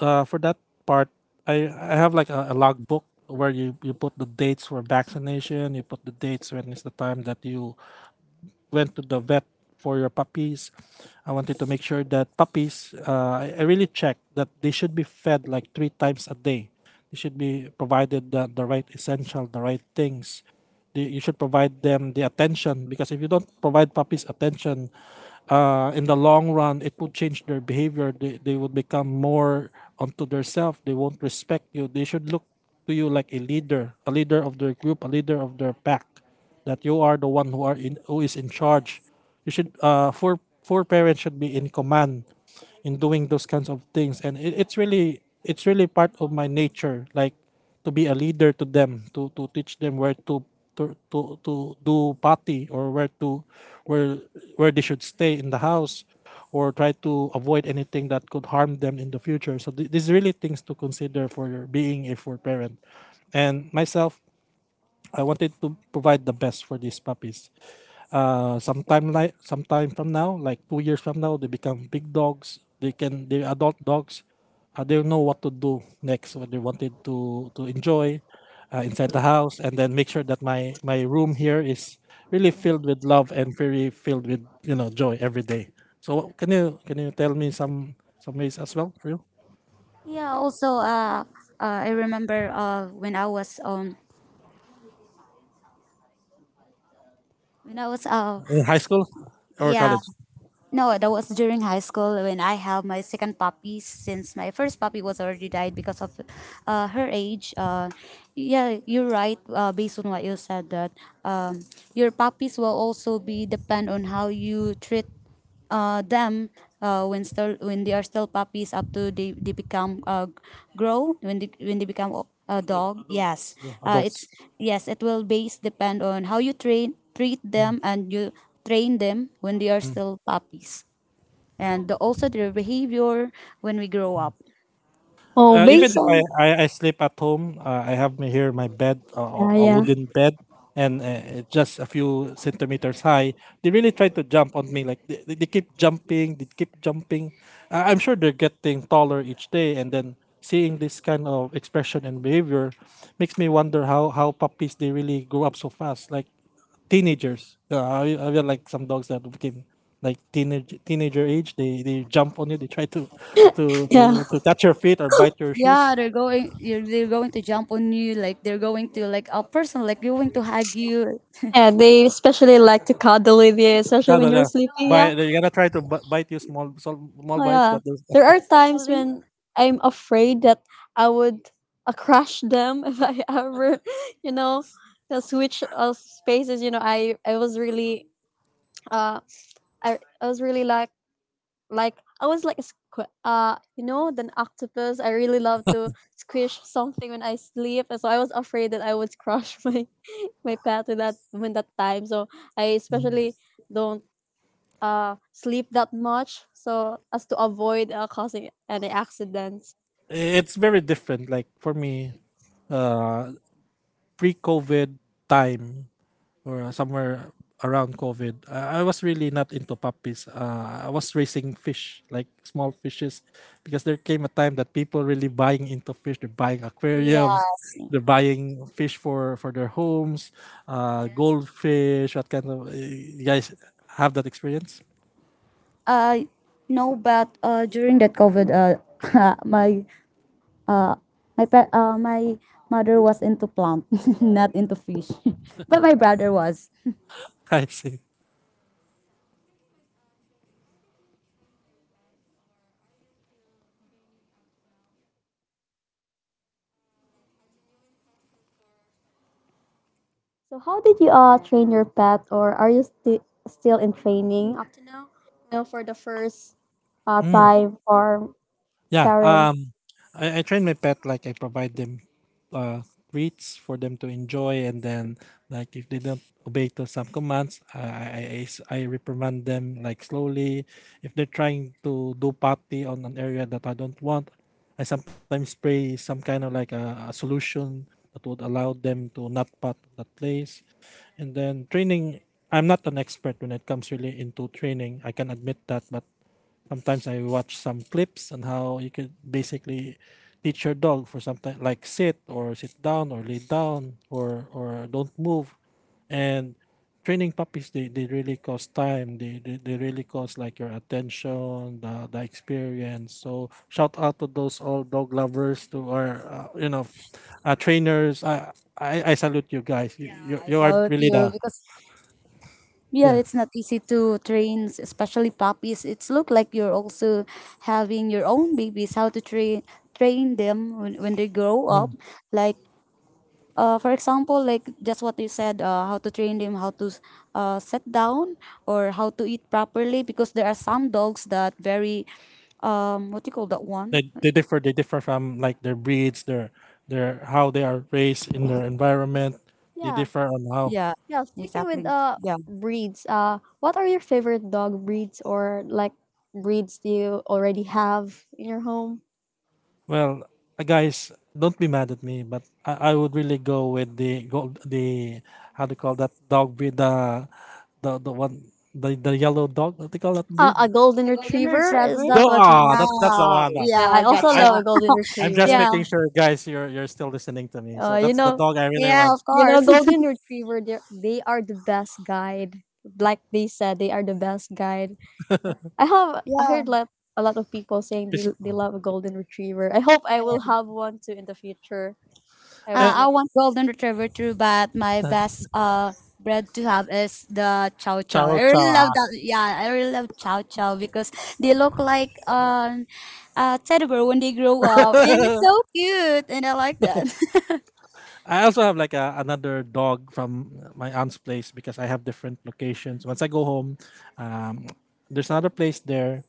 Speaker 2: for that part, I have like a logbook where you put the dates for vaccination, you put the dates when is the time that you went to the vet for your puppies. I wanted to make sure that puppies, I really checked that they should be fed like 3 times a day. They should be provided the right essential, the right things. The, you should provide them the attention because if you don't provide puppies attention, in the long run, it would change their behavior. They would become more onto themselves. They won't respect you. They should look to you like a leader of their group, a leader of their pack that you are the one who are in who is in charge. You should for parents should be in command in doing those kinds of things, and it, it's really part of my nature, like to be a leader to them, to teach them where to. To do potty or where to where where they should stay in the house or try to avoid anything that could harm them in the future, so these really things to consider for your being a for parent and myself, I wanted to provide the best for these puppies. Sometime like sometime from now, like 2 years from now, they become big dogs. They can they're adult dogs. They know what to do next. What they wanted to enjoy inside the house, and then make sure that my room here is really filled with love and very filled with you know joy every day. So can you tell me some ways as well for you
Speaker 3: Yeah, also, I remember when I was When I was,
Speaker 2: in high school or
Speaker 3: Yeah,
Speaker 2: college?
Speaker 3: no, that was during high school when I have my second puppy. Since my first puppy was already died because of her age. Yeah, you're right. Based on what you said, that um, your puppies will also be depend on how you treat them when still when they are still puppies up to they become, grow when they become a dog, yes.
Speaker 2: Yeah,
Speaker 3: It's,
Speaker 2: adults?
Speaker 3: yes, it will base depend on how you train treat them and you train them when they are still puppies, and also their behavior when we grow up.
Speaker 1: Oh,
Speaker 2: Even
Speaker 1: based
Speaker 2: if
Speaker 1: on
Speaker 2: I sleep at home, I have my, here my bed,
Speaker 1: yeah,
Speaker 2: a
Speaker 1: yeah,
Speaker 2: wooden bed, and it's just a few centimeters high. They really try to jump on me. Like they keep jumping, they keep jumping. I'm sure they're getting taller each day, and then seeing this kind of expression and behavior makes me wonder how puppies they really grow up so fast. Like teenagers. I have like some dogs that became like teenage teenager age. They jump on you. They try to to to,
Speaker 1: yeah,
Speaker 2: to touch your feet or bite your shoes.
Speaker 3: Yeah, they're going to jump on you like they're going to, like a person, like going to hug you.
Speaker 1: yeah. They especially like to cuddle with you, especially
Speaker 2: Yeah,
Speaker 1: when
Speaker 2: yeah,
Speaker 1: you're
Speaker 2: yeah.
Speaker 1: sleeping. Yeah,
Speaker 3: Yeah,
Speaker 2: Bite, they're gonna try to bite you small small small
Speaker 1: oh
Speaker 2: bites,
Speaker 1: yeah.
Speaker 2: but there's-
Speaker 1: There
Speaker 3: yeah,
Speaker 1: are times
Speaker 3: especially,
Speaker 1: when I'm afraid that I would crush them if I ever, you know, switch spaces. I was really uh I I was really like I was like a you know, the octopus. I really love to squish something when I sleep, and so I was afraid that I would crush my pet with that when that time. So I especially don't sleep that much so as to avoid causing any accidents.
Speaker 2: it's very different. Like for me, uh, pre-COVID time or somewhere around COVID, I was really not into puppies. I was raising fish, like small fishes, because there came a time that people really buying into fish. They're buying, yeah, aquariums,
Speaker 3: yes,
Speaker 2: they're buying fish for their homes, yes, goldfish. What kind of you guys have that experience?
Speaker 3: uh no. But during that covid my uh my pa- uh my mother was into plant. Not into fish. But my brother was.
Speaker 2: I see.
Speaker 1: So how did you train your pet, or are you still in training up to now? You know, for the first
Speaker 2: Hmm.
Speaker 1: time for
Speaker 2: Yeah.
Speaker 1: parents.
Speaker 2: I train my pet like I provide them uh, treats for them to enjoy, and then like if they don't obey to some commands, I reprimand them like slowly. If they're trying to do potty on an area that I don't want, I sometimes spray some kind of like a solution that would allow them to not pot that place. And then training, I'm not an expert when it comes really into training. I can admit that, but sometimes I watch some clips on how you could basically teach your dog for something like sit or sit down or lay down or don't move. And training puppies, they really cost time. They really cost like your attention, the experience. So shout out to those all dog lovers to our trainers. I salute you guys. You you,
Speaker 3: I
Speaker 2: you are
Speaker 3: saw it,
Speaker 2: really
Speaker 3: you,
Speaker 2: the
Speaker 3: because. Yeah,
Speaker 2: yeah.
Speaker 3: it's not easy to train, especially puppies. It's look like you're also having your own babies. How to train them when they grow up,
Speaker 2: Mm.
Speaker 3: like. For example, like just what you said, how to train them, how to sit down, or how to eat properly, because there are some dogs that very, what do you call that one?
Speaker 2: They differ from like their breeds, their how they are raised in their environment, they
Speaker 1: Yeah.
Speaker 2: differ on how
Speaker 3: Yeah,
Speaker 1: Yeah, sticking with
Speaker 3: exactly. Yeah,
Speaker 1: breeds, uh, what are your favorite dog breeds, or like breeds do you already have in your home?
Speaker 2: well. Guys, don't be mad at me, but I would really go with the go the, how do you call that dog breed, the, the one, the yellow dog, what do you call that breed?
Speaker 1: A golden
Speaker 3: the golden
Speaker 1: retriever? Is
Speaker 3: retriever.
Speaker 2: No,
Speaker 1: that what you
Speaker 2: ah, that's
Speaker 1: mean?
Speaker 2: that's the
Speaker 3: Yeah,
Speaker 2: one, ah.
Speaker 1: Yeah,
Speaker 3: yeah,
Speaker 1: I also
Speaker 2: I, I
Speaker 3: gotcha.
Speaker 1: love a golden
Speaker 2: I'm just
Speaker 3: Yeah,
Speaker 1: retriever.
Speaker 2: making sure, guys, you're still listening to me, so
Speaker 1: Uh, you
Speaker 2: that's the
Speaker 1: know,
Speaker 2: dog I really
Speaker 3: yeah,
Speaker 2: want.
Speaker 3: of
Speaker 1: you know,
Speaker 3: course.
Speaker 1: golden retriever. They are the best guide. Like they said, they are the best guide. I heard
Speaker 3: Yeah.
Speaker 1: like a lot of people saying they
Speaker 2: Fish-
Speaker 1: they love a golden retriever. I hope I
Speaker 3: Yeah.
Speaker 1: will have one too in the future. I would.
Speaker 3: Uh,
Speaker 2: eh,
Speaker 3: I want golden retriever too, but my
Speaker 2: eh,
Speaker 3: best bread to have is the chow chow.
Speaker 2: chow
Speaker 3: I
Speaker 2: chow,
Speaker 3: really love that. Yeah, I really love chow chow because they look like teddy bear when they grow up, and
Speaker 2: ah.
Speaker 3: it's so cute, and I like that.
Speaker 2: I also have like another dog from my aunt's place because I have different locations. Once I go home, um, there's another place there.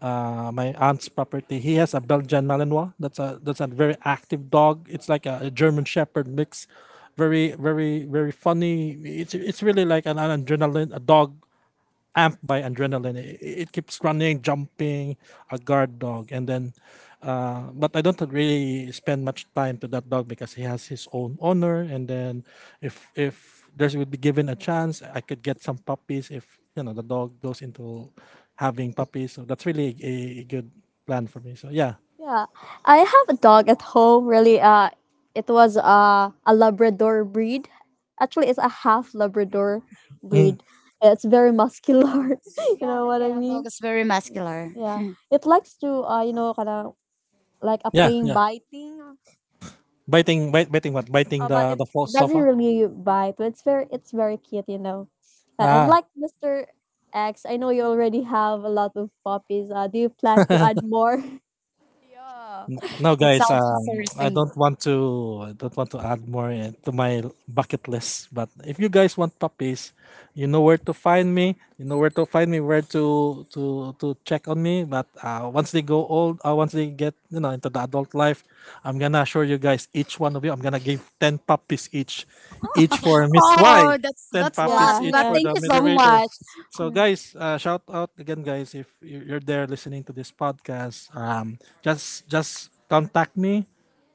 Speaker 2: My aunt's property. He has a Belgian Malinois. That's a very active dog. It's like a German Shepherd mix. Very funny. It's really like an adrenaline a dog amped by adrenaline. It keeps running, jumping, a guard dog, and then. But I don't really spend much time to that dog because he has his own owner. And then, if there would be given a chance, I could get some puppies if you know the dog goes into having puppies. So that's really a good plan for me. So yeah,
Speaker 1: Yeah, I have a dog at home. Really, it was a Labrador breed. Actually, it's a half Labrador
Speaker 2: mm.
Speaker 1: breed. It's very muscular. You Yeah, know
Speaker 3: That
Speaker 1: what I yeah,
Speaker 3: kind of
Speaker 1: mean?
Speaker 3: dog is very muscular.
Speaker 1: Yeah, it likes to you know, kind of like a
Speaker 2: yeah,
Speaker 1: plain
Speaker 2: yeah.
Speaker 1: biting,
Speaker 2: biting, bite, biting what? Biting
Speaker 1: but
Speaker 2: the
Speaker 1: it,
Speaker 2: the
Speaker 1: it
Speaker 2: false
Speaker 1: doesn't
Speaker 2: sofa.
Speaker 1: really bite. But it's it's very cute. You know, and
Speaker 2: Ah,
Speaker 1: like Mister X, I know you already have a lot of puppies. Do you plan to add more?
Speaker 3: Yeah.
Speaker 2: no,
Speaker 3: It
Speaker 2: guys,
Speaker 3: sounds
Speaker 2: I
Speaker 3: interesting.
Speaker 2: don't want to I don't want to add more to my bucket list. But if you guys want puppies, you know where to find me. You know where to find me. Where to check on me. But once they go old, once they get you know into the adult life, I'm gonna assure you guys, each one of you, I'm gonna give ten puppies each for Miss Y,
Speaker 3: Oh, that's
Speaker 2: ten
Speaker 3: that's a lot,
Speaker 2: puppies
Speaker 1: Yeah,
Speaker 2: each
Speaker 3: but
Speaker 1: yeah.
Speaker 2: for
Speaker 3: thank
Speaker 2: the
Speaker 3: you so
Speaker 2: moderator.
Speaker 3: much.
Speaker 2: So
Speaker 3: Hmm.
Speaker 2: guys, shout out again, guys. If you- you're there listening to this podcast, just contact me.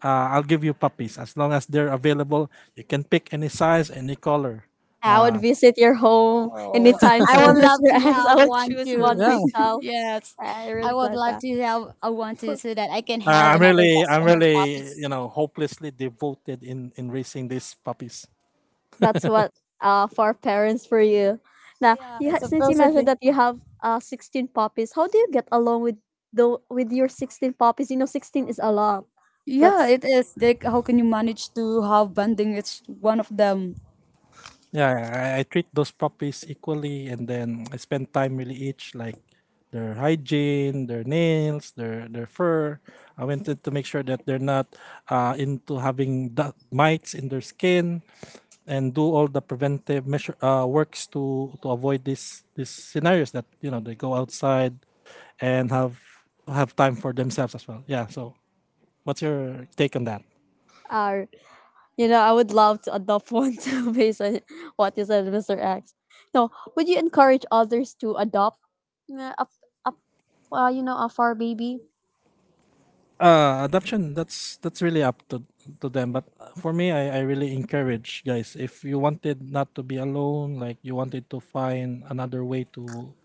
Speaker 2: I'll give you puppies as long as they're available. You can pick any size, any color.
Speaker 1: I would
Speaker 2: Uh,
Speaker 1: visit your home
Speaker 3: Oh,
Speaker 1: anytime
Speaker 3: I
Speaker 1: soon,
Speaker 3: would love
Speaker 1: Mr.
Speaker 3: to
Speaker 1: X. I
Speaker 3: have
Speaker 1: would
Speaker 3: one
Speaker 1: choose
Speaker 3: too.
Speaker 1: one
Speaker 2: yeah,
Speaker 1: myself.
Speaker 3: Yes,
Speaker 1: I
Speaker 3: I
Speaker 1: really
Speaker 3: would
Speaker 1: glad
Speaker 3: love
Speaker 1: that.
Speaker 3: to have a one too
Speaker 1: For-
Speaker 3: so that I can have
Speaker 2: I'm
Speaker 3: another
Speaker 2: really,
Speaker 3: guest
Speaker 2: I'm
Speaker 3: from the
Speaker 2: really,
Speaker 3: office.
Speaker 2: you know, hopelessly devoted in raising these puppies.
Speaker 1: That's what for parents for you. Now,
Speaker 3: Yeah,
Speaker 1: you since you
Speaker 3: supposedly.
Speaker 1: mentioned that you have 16 puppies, how do you get along with the with your 16 puppies? You know, 16 is a lot.
Speaker 3: Yeah,
Speaker 1: That's
Speaker 3: it is. Like, how can you manage to have bonding? It's one of them.
Speaker 2: Yeah, yeah, I treat those puppies equally, and then I spend time really each like their hygiene, their nails, their fur. I wanted to make sure that they're not into having that mites in their skin, and do all the preventive measure works to avoid these scenarios that you know they go outside and have time for themselves as well. Yeah. So, what's your take on that?
Speaker 1: uh you know, I would love to adopt one too based on what you said, Mr. X. No, would you encourage others to adopt uh, a, a you know, a fur baby?
Speaker 2: Uh, adoption, that's really up to them, but for me, I really encourage guys if you wanted not to be alone, like you wanted to find another way to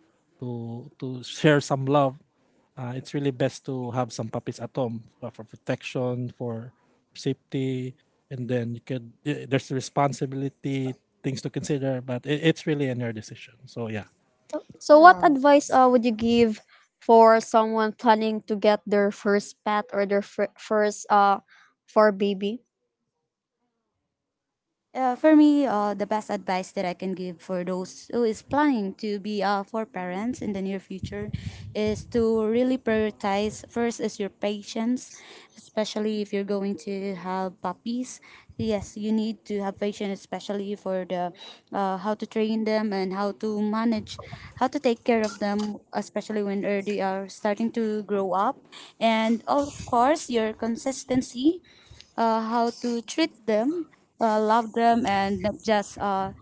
Speaker 2: to to share some love, it's really best to have some puppies at home, for protection, for safety, and then you could y- there's the responsibility things to consider, but it's really in your decision. So yeah.
Speaker 1: So, what advice would you give for someone planning to get their first pet or their first for baby?
Speaker 3: For me, the best advice that I can give for those who is planning to be for parents in the near future is to really prioritize first is your patience, especially if you're going to have puppies. Yes, you need to have patience, especially for the how to train them and how to manage, how to take care of them, especially when they are starting to grow up, and of course your consistency, how to treat them, love them, and not just, uh,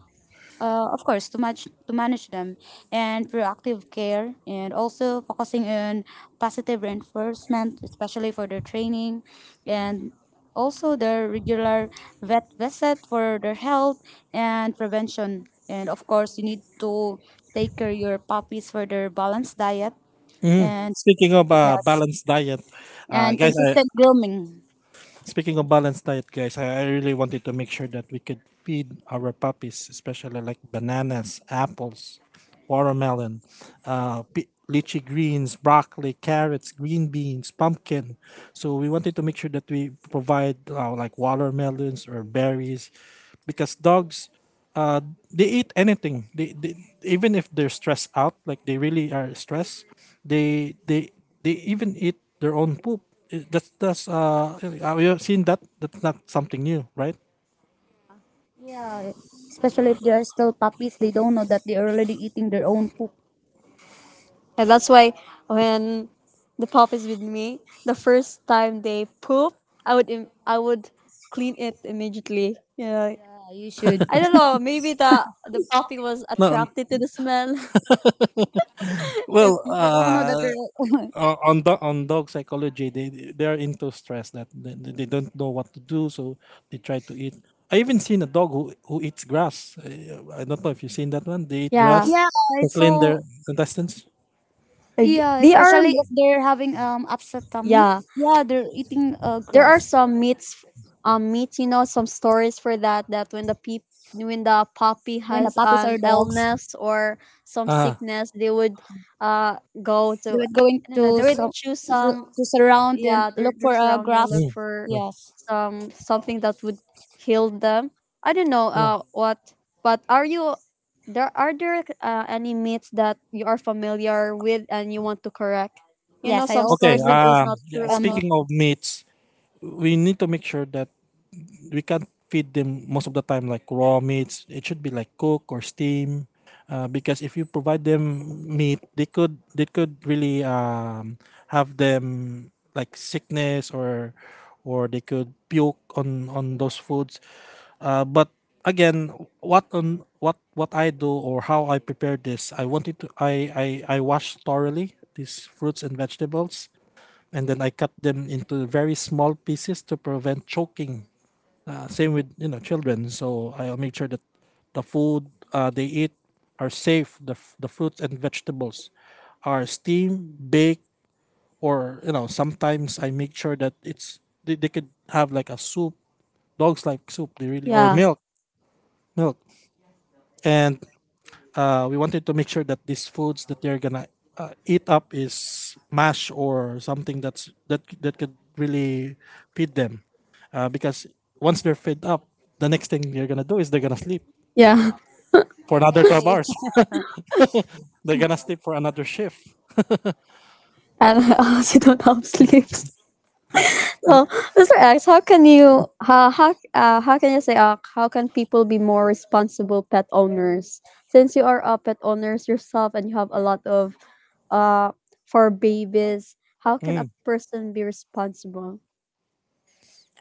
Speaker 3: uh, of course, to manage them, and proactive care, and also focusing on positive reinforcement, especially for their training, and also their regular vet visit for their health and prevention. And of course, you need to take care your puppies for their balanced diet
Speaker 2: Mhm.
Speaker 3: and
Speaker 2: Speaking of
Speaker 3: yes,
Speaker 2: balanced diet, uh,
Speaker 3: and
Speaker 2: guys, I,
Speaker 3: consistent grooming.
Speaker 2: speaking of balanced diet, guys, I really wanted to make sure that we could feed our puppies, especially like bananas, apples, watermelon, pi- lychee greens, broccoli, carrots, green beans, pumpkin. So we wanted to make sure that we provide like watermelons or berries, because dogs uh they eat anything, they even if they're stressed out like they really are stressed, they they even eat their own poop. I- that's have you seen that? That's not something new, right?
Speaker 3: Yeah, especially if they are still puppies, they don't know that they're already eating their own poop.
Speaker 1: And that's why when the pup is with me, the first time they poop, I would I would clean it immediately. Yeah,
Speaker 3: Yeah, you should.
Speaker 1: I don't know. Maybe the the puppy was
Speaker 2: No, um,
Speaker 1: attracted to the smell.
Speaker 2: well
Speaker 1: And
Speaker 3: They don't know that
Speaker 2: uh
Speaker 3: they're.
Speaker 2: o- on do- on dog psychology they are into stress that they don't know what to do, so they try to eat. I even seen a dog who eats grass. I don't know if you've seen that one, they eat
Speaker 1: yeah,
Speaker 2: grass
Speaker 3: Yeah,
Speaker 2: to clean
Speaker 3: so.
Speaker 2: their intestines,
Speaker 1: like,
Speaker 3: Yeah,
Speaker 1: they are.
Speaker 3: especially if they're having upset tummy.
Speaker 1: Yeah,
Speaker 3: Yeah, they're eating
Speaker 1: there are
Speaker 3: grass.
Speaker 1: some myths, myths, you know, some stories for that, that when the peop when the puppy
Speaker 3: When the
Speaker 1: has
Speaker 3: puppies
Speaker 1: an
Speaker 3: are dogs,
Speaker 1: illness or some
Speaker 2: ah.
Speaker 1: sickness, they would uh go to,
Speaker 3: they're going
Speaker 1: I don't know, they would choose some,
Speaker 3: to surround and
Speaker 1: yeah,
Speaker 3: look
Speaker 1: their
Speaker 3: for
Speaker 1: surrounding,
Speaker 3: grass.
Speaker 1: look
Speaker 2: Mm.
Speaker 1: for
Speaker 2: Yeah.
Speaker 3: Yes,
Speaker 1: some something that would heal them, I don't know,
Speaker 2: Oh,
Speaker 1: uh, what. But are you, there are there any myths that you are familiar with and you want to correct, you know,
Speaker 3: yes, I
Speaker 1: some
Speaker 3: also
Speaker 2: okay.
Speaker 1: stories that
Speaker 3: heard
Speaker 1: is not
Speaker 2: Yeah,
Speaker 1: true
Speaker 3: um
Speaker 1: about?
Speaker 2: speaking of meats, we need to make sure that we can't feed them most of the time like raw meats. It should be like cook or steam, because if you provide them meat, they could really have them like sickness or they could puke on those foods. But again, what on what what I do or how I prepare this, I wanted to I wash thoroughly these fruits and vegetables, and then I cut them into very small pieces to prevent choking. Same with you know children, so I'll make sure that the food they eat are safe. The f- the fruits and vegetables are steamed, baked, or you know sometimes I make sure that it's they could have like a soup. Dogs like soup, they really or
Speaker 1: yeah
Speaker 2: milk, milk, and we wanted to make sure that these foods that they're gonna eat up is mash or something that's that could really feed them, because once they're fed up, the next thing they're gonna do is they're gonna sleep
Speaker 1: yeah.
Speaker 2: for another twelve
Speaker 3: exactly
Speaker 2: hours. They're gonna sleep for another shift.
Speaker 1: And she don't have sleeves. So Mr. X, how can you how can you say how can people be more responsible pet owners? Since you are a pet owners yourself and you have a lot of uh for babies, how can
Speaker 2: Mm,
Speaker 1: a person be responsible?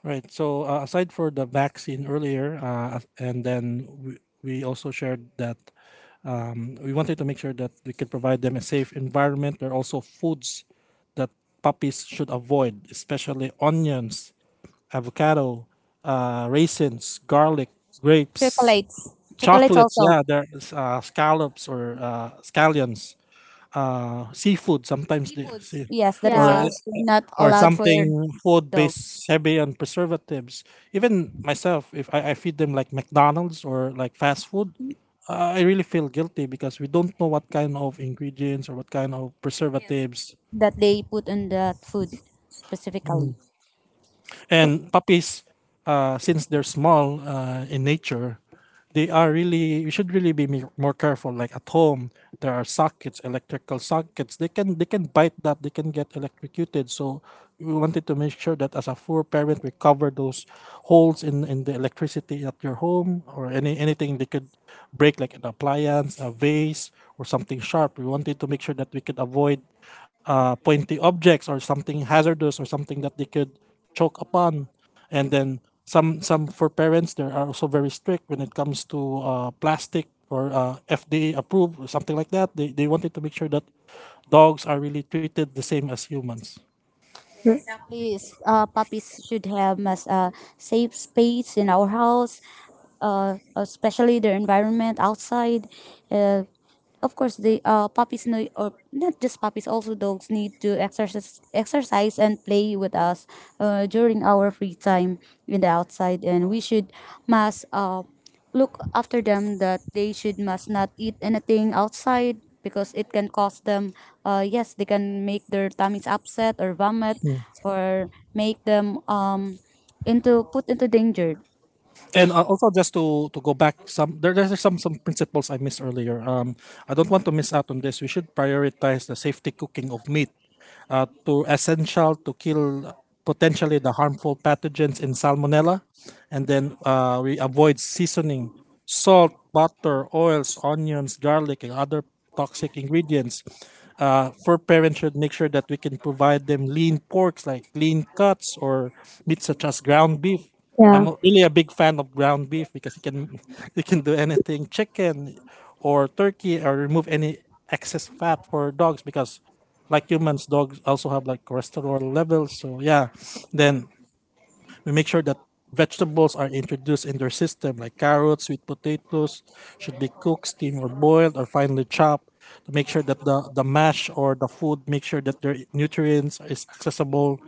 Speaker 2: right. So aside for the vaccine earlier, and then we also shared that um, we wanted to make sure that we could provide them a safe environment. There are also foods that puppies should avoid, especially onions, avocado, raisins, garlic, grapes,
Speaker 3: chocolates, chocolates
Speaker 2: chocolates.
Speaker 3: also.
Speaker 2: Yeah, there's scallops or scallions. Seafood sometimes they
Speaker 3: Seafoods,
Speaker 2: see,
Speaker 3: yes, that is
Speaker 2: or
Speaker 1: Yeah.
Speaker 3: also not allowed for
Speaker 2: something food based
Speaker 3: dogs.
Speaker 2: heavy on preservatives. Even myself, if I feed them like McDonald's or like fast food, I really feel guilty because we don't know what kind of ingredients or what kind of yes
Speaker 3: Yes,
Speaker 2: preservatives.
Speaker 3: that they put on that food specifically.
Speaker 2: And puppies, since they're small in nature, they are really. We should really be me- more careful. Like at home, there are sockets, electrical sockets. They can bite that. They can get electrocuted. So we wanted to make sure that as a poor parent, we cover those holes in the electricity at your home, or any anything they could break, like an appliance, a vase, or something sharp. We wanted to make sure that we could avoid pointy objects or something hazardous or something that they could choke upon. And then some for parents they are also very strict when it comes to plastic or FDA approved or something like that, they wanted to make sure that dogs are really treated the same as humans.
Speaker 3: Yeah, exactly. Puppies should have as a safe space in our house, especially their environment outside. Uh, of course, the puppies need, or not just puppies, also dogs need to exercise, exercise and play with us during our free time in the outside, and we should must look after them that they should must not eat anything outside because it can cause them yes they can make their tummies upset or vomit or make them into put into danger.
Speaker 2: And also just to go back some, there's some principles I missed earlier. I don't want to miss out on this. We should prioritize the safety cooking of meat to essential to kill potentially the harmful pathogens in salmonella. And then we avoid seasoning, salt, butter, oils, onions, garlic, and other toxic ingredients. Uh, for parents should make sure that we can provide them lean porks like lean cuts, or meat such as ground beef.
Speaker 1: Yeah.
Speaker 2: I'm a- really a big fan of ground beef because you can you can do anything, chicken or turkey, or remove any excess fat for dogs, because like humans, dogs also have like cholesterol levels. So yeah, then we make sure that vegetables are introduced in their system, like carrots, sweet potatoes, should be cooked, steamed, or boiled, or finely chopped to make sure that the mash or the food, make sure that their nutrients is accessible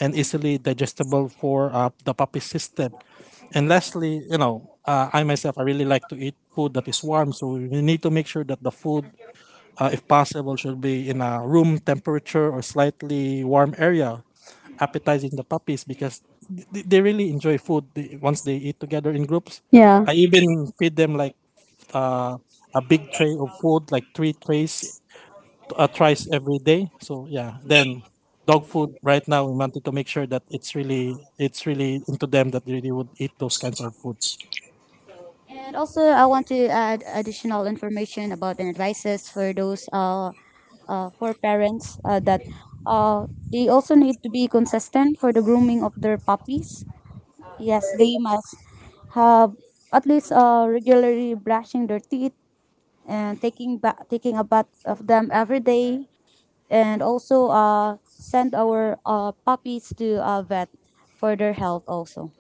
Speaker 2: and easily digestible for the puppy system. And lastly, you know, I myself, I really like to eat food that is warm. So we need to make sure that the food, if possible, should be in a room temperature or slightly warm area, appetizing the puppies, because th- they really enjoy food once they eat together in groups.
Speaker 1: Yeah.
Speaker 2: I even feed them like uh, a big tray of food, like three trays, thrice every day. So yeah, then dog food right now, we wanted to make sure that it's really into them that they really would eat those kinds of foods.
Speaker 3: And also I want to add additional information about and advices for those for parents that uh, they also need to be consistent for the grooming of their puppies. Yes they must have at least regularly brushing their teeth and taking a bath of them every day, and also send our puppies to a vet for their health also.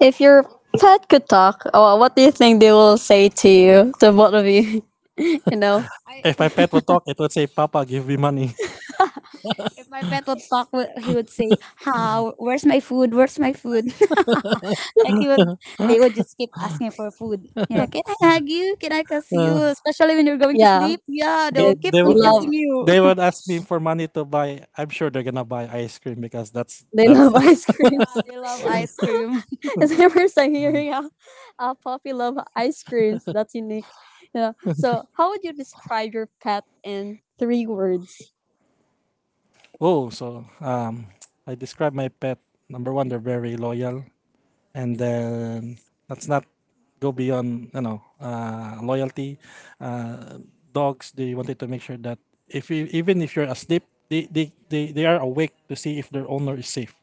Speaker 1: If your pet could talk, oh, what do you think they will say to you, to both of you? You know?
Speaker 3: I,
Speaker 2: If my pet would talk, it would say, "Papa, give me money."
Speaker 3: if my pet would talk, he would say, how, where's my food, where's my food, like he would, they would just keep asking for food. Yeah, can I hug you, can I kiss you, especially when you're going to
Speaker 1: Yeah.
Speaker 3: sleep. Yeah, they
Speaker 2: They
Speaker 1: They
Speaker 3: will keep
Speaker 2: they
Speaker 1: they
Speaker 3: on
Speaker 2: wo-
Speaker 3: kissing
Speaker 1: love
Speaker 3: you.
Speaker 2: they would ask me for money to buy. I'm sure they're gonna buy ice cream because that's
Speaker 1: they
Speaker 2: that's.
Speaker 1: love ice creams.
Speaker 3: Yeah, they love ice cream.
Speaker 1: It's the first time hearing how puppy love ice creams. That's unique. You know. So how would you describe your pet in three words?
Speaker 2: Oh, so I describe my pet. Number one, they're very loyal, and then let's not go beyond you know loyalty. Uh, dogs, they wanted to make sure that if you, even if you're asleep, they are awake to see if their owner is safe.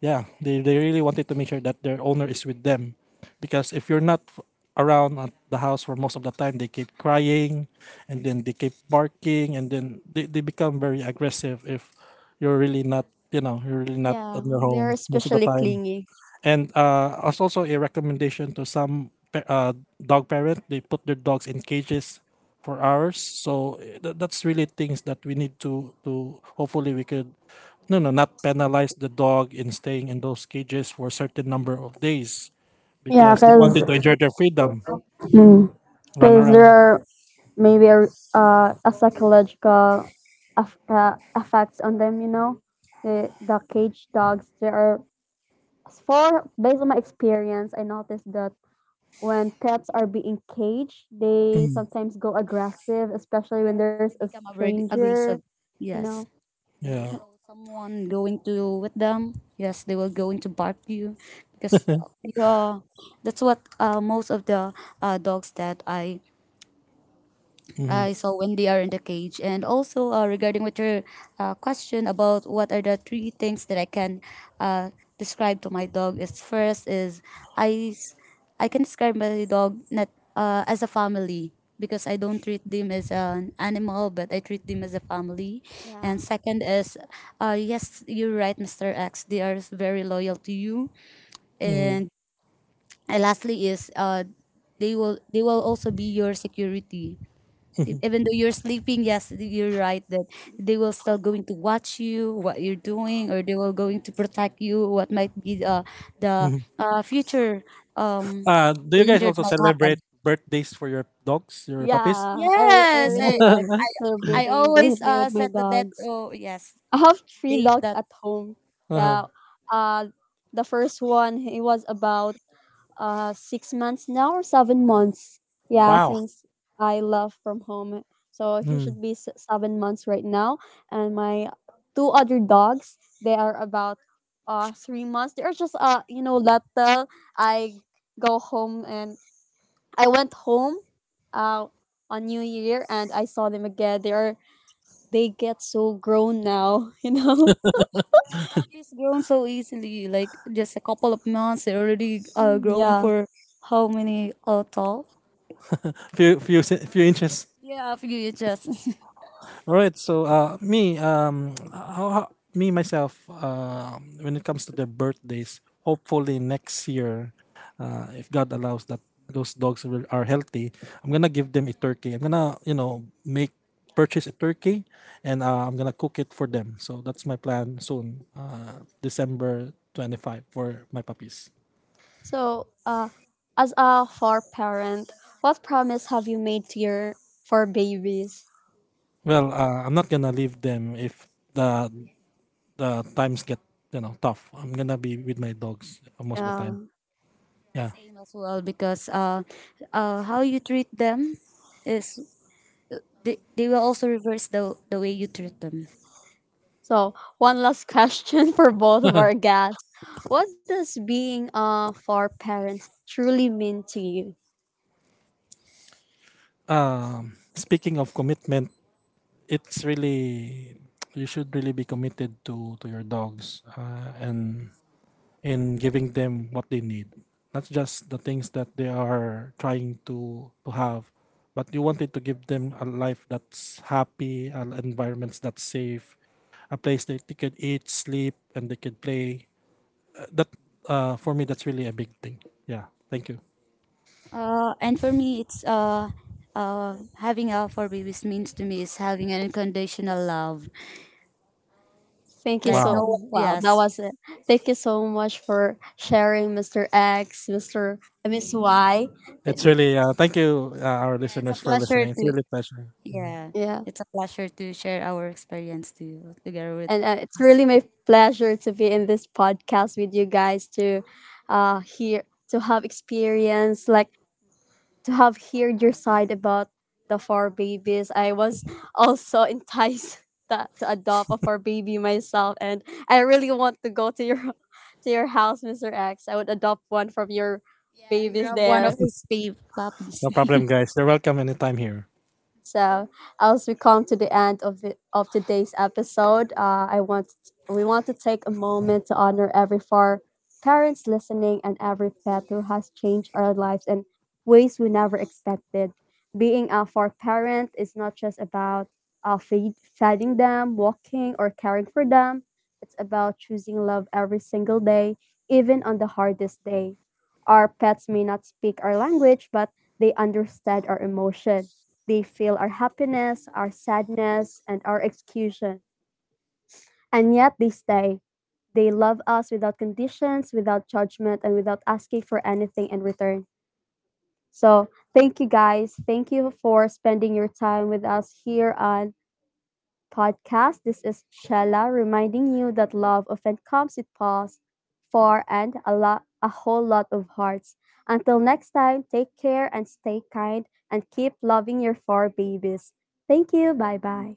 Speaker 2: Yeah, they really wanted to make sure that their owner is with them. Because if you're not f- around at the house for most of the time, they keep crying, and then they keep barking, and then they become very aggressive if you're really not, you know, you're really not at
Speaker 1: Yeah,
Speaker 2: your
Speaker 1: they are
Speaker 2: home most of the
Speaker 1: especially
Speaker 2: time.
Speaker 1: clingy.
Speaker 2: And as also a recommendation to some dog parent, they put their dogs in cages for hours. So that's really things that we need to hopefully we could no no not penalize the dog in staying in those cages for a certain number of days,
Speaker 1: Yeah,
Speaker 2: because they wanted to enjoy their freedom, run
Speaker 1: because there
Speaker 2: around.
Speaker 1: are maybe a psychological aff effects on them. You know, the cage dogs. There are, for, based on my experience, I noticed that when pets are being caged, they
Speaker 2: Mm,
Speaker 1: sometimes go aggressive, especially when there's
Speaker 3: They
Speaker 1: a
Speaker 3: become
Speaker 1: stranger,
Speaker 3: aggressive,
Speaker 1: you
Speaker 3: yes.
Speaker 1: know.
Speaker 3: When they
Speaker 2: yeah.
Speaker 3: saw someone going to with them, yes, they were going to bark you, because yeah, that's what most of the dogs that I
Speaker 2: Mhm,
Speaker 3: I saw when they are in the cage. And also regarding with your question about what are the three things that I can uh, describe to my dog is, first is I s- I can describe my dog not as a family, because I don't treat them as an animal but I treat them as a family.
Speaker 1: Yeah.
Speaker 3: And second is yes you're right Mr. X, they are very loyal to you.
Speaker 2: mhm,
Speaker 3: And lastly is they will, they will also be your security,
Speaker 2: mhm,
Speaker 3: even though you're sleeping, yes you're right that they will still going to watch you what you're doing, or they will going to protect you what might be the
Speaker 2: mhm.
Speaker 3: future um
Speaker 2: Do you guys
Speaker 3: danger that
Speaker 2: also
Speaker 3: might happen.
Speaker 2: celebrate birthdays for your dogs, your puppies?
Speaker 1: Yeah, I yes,
Speaker 3: Yes,
Speaker 1: really like
Speaker 3: i, I
Speaker 1: celebrating and
Speaker 3: always
Speaker 1: breathing with my
Speaker 3: set the date.
Speaker 1: dogs.
Speaker 3: Oh yes,
Speaker 1: I have three
Speaker 3: date
Speaker 1: dogs
Speaker 3: that.
Speaker 1: at home.
Speaker 2: Uh-huh.
Speaker 1: Yeah. Uh, the first one, he was about 6 months now or 7 months. Yeah,
Speaker 2: Wow.
Speaker 1: since I left from home, so he
Speaker 2: Mm.
Speaker 1: should be 7 months right now. And my two other dogs, they are about 3 months. They are just you know little. I go home and I went home, uh, on New Year and I saw them again. They are, they get so grown now, you know.
Speaker 3: Well, puppies grown so easily, like just a couple of months they're already growing
Speaker 1: Yeah.
Speaker 3: for how many tall.
Speaker 2: Few few inches.
Speaker 3: Yeah, a few inches.
Speaker 2: All right. So me myself, when it comes to their birthdays, hopefully next year, if God allows that those dogs will, are healthy, I'm gonna give them a turkey. I'm gonna you know make purchase a turkey, and I'm gonna cook it for them. So that's my plan soon, December 25th for my puppies.
Speaker 1: So, as a four parent, what promise have you made to your four babies?
Speaker 2: Well, I'm not gonna leave them if the the times get you know tough. I'm gonna be with my dogs most of the
Speaker 1: Uh,
Speaker 2: time, yeah.
Speaker 3: Same as well, because how you treat them is, they will also reverse the way you treat them.
Speaker 1: so, one last question for both of our guests. What does being a four parent truly mean to you?
Speaker 2: Speaking of commitment, it's really, you should really be committed to your dogs, and in giving them what they need, not just the things that they are trying to have, but you wanted to give them a life that's happy, an environment that's safe, a place that they could eat, sleep, and they could play that for me, that's really a big thing. Yeah. Thank you.
Speaker 3: And for me, it's having a for babies means to me is having an unconditional love.
Speaker 1: Thank you
Speaker 3: Like
Speaker 1: so,
Speaker 2: Wow.
Speaker 3: no,
Speaker 1: wow, that
Speaker 3: yes,
Speaker 1: was it. Thank you so much for sharing, Mr. X, Mr. Miss Y. Th-
Speaker 2: It's really thank you our
Speaker 3: yeah, it's a
Speaker 2: listeners for
Speaker 3: pleasure
Speaker 2: listening. It's
Speaker 3: to,
Speaker 2: really a pleasure. Mhm.
Speaker 3: yeah,
Speaker 1: Yeah.
Speaker 3: it's a pleasure to share our experience to you together with,
Speaker 1: And it's really my pleasure to be in this podcast with you guys to hear, to have experience like, to have heard your side about the four babies. I was also enticed that to adopt a four baby myself, and I really want to go to your to your house, Mr. X. I would adopt one from your
Speaker 3: yeah, and
Speaker 1: babies
Speaker 3: grab one of
Speaker 1: there.
Speaker 3: his babe puppies.
Speaker 2: No problem, guys. You're welcome anytime here.
Speaker 1: So as we come to the end of of today's episode, I want we want to take a moment to honor every four parents listening and every pet who has changed our lives in ways we never expected. Being a four parent is not just about feeding them, walking, or caring for them. It's about choosing love every single day, even on the hardest day. Our pets may not speak our language, but they understand our emotion, they feel our happiness, our sadness, and our execution. And yet they stay. They love us without conditions, without judgment, and without asking for anything in return. So thank you guys. Thank you for spending your time with us here on podcast. This is Shella reminding you that love often comes with pause, far, and a lot, a whole lot of hearts. Until next time, take care and stay kind and keep loving your four babies. Thank you. Bye bye.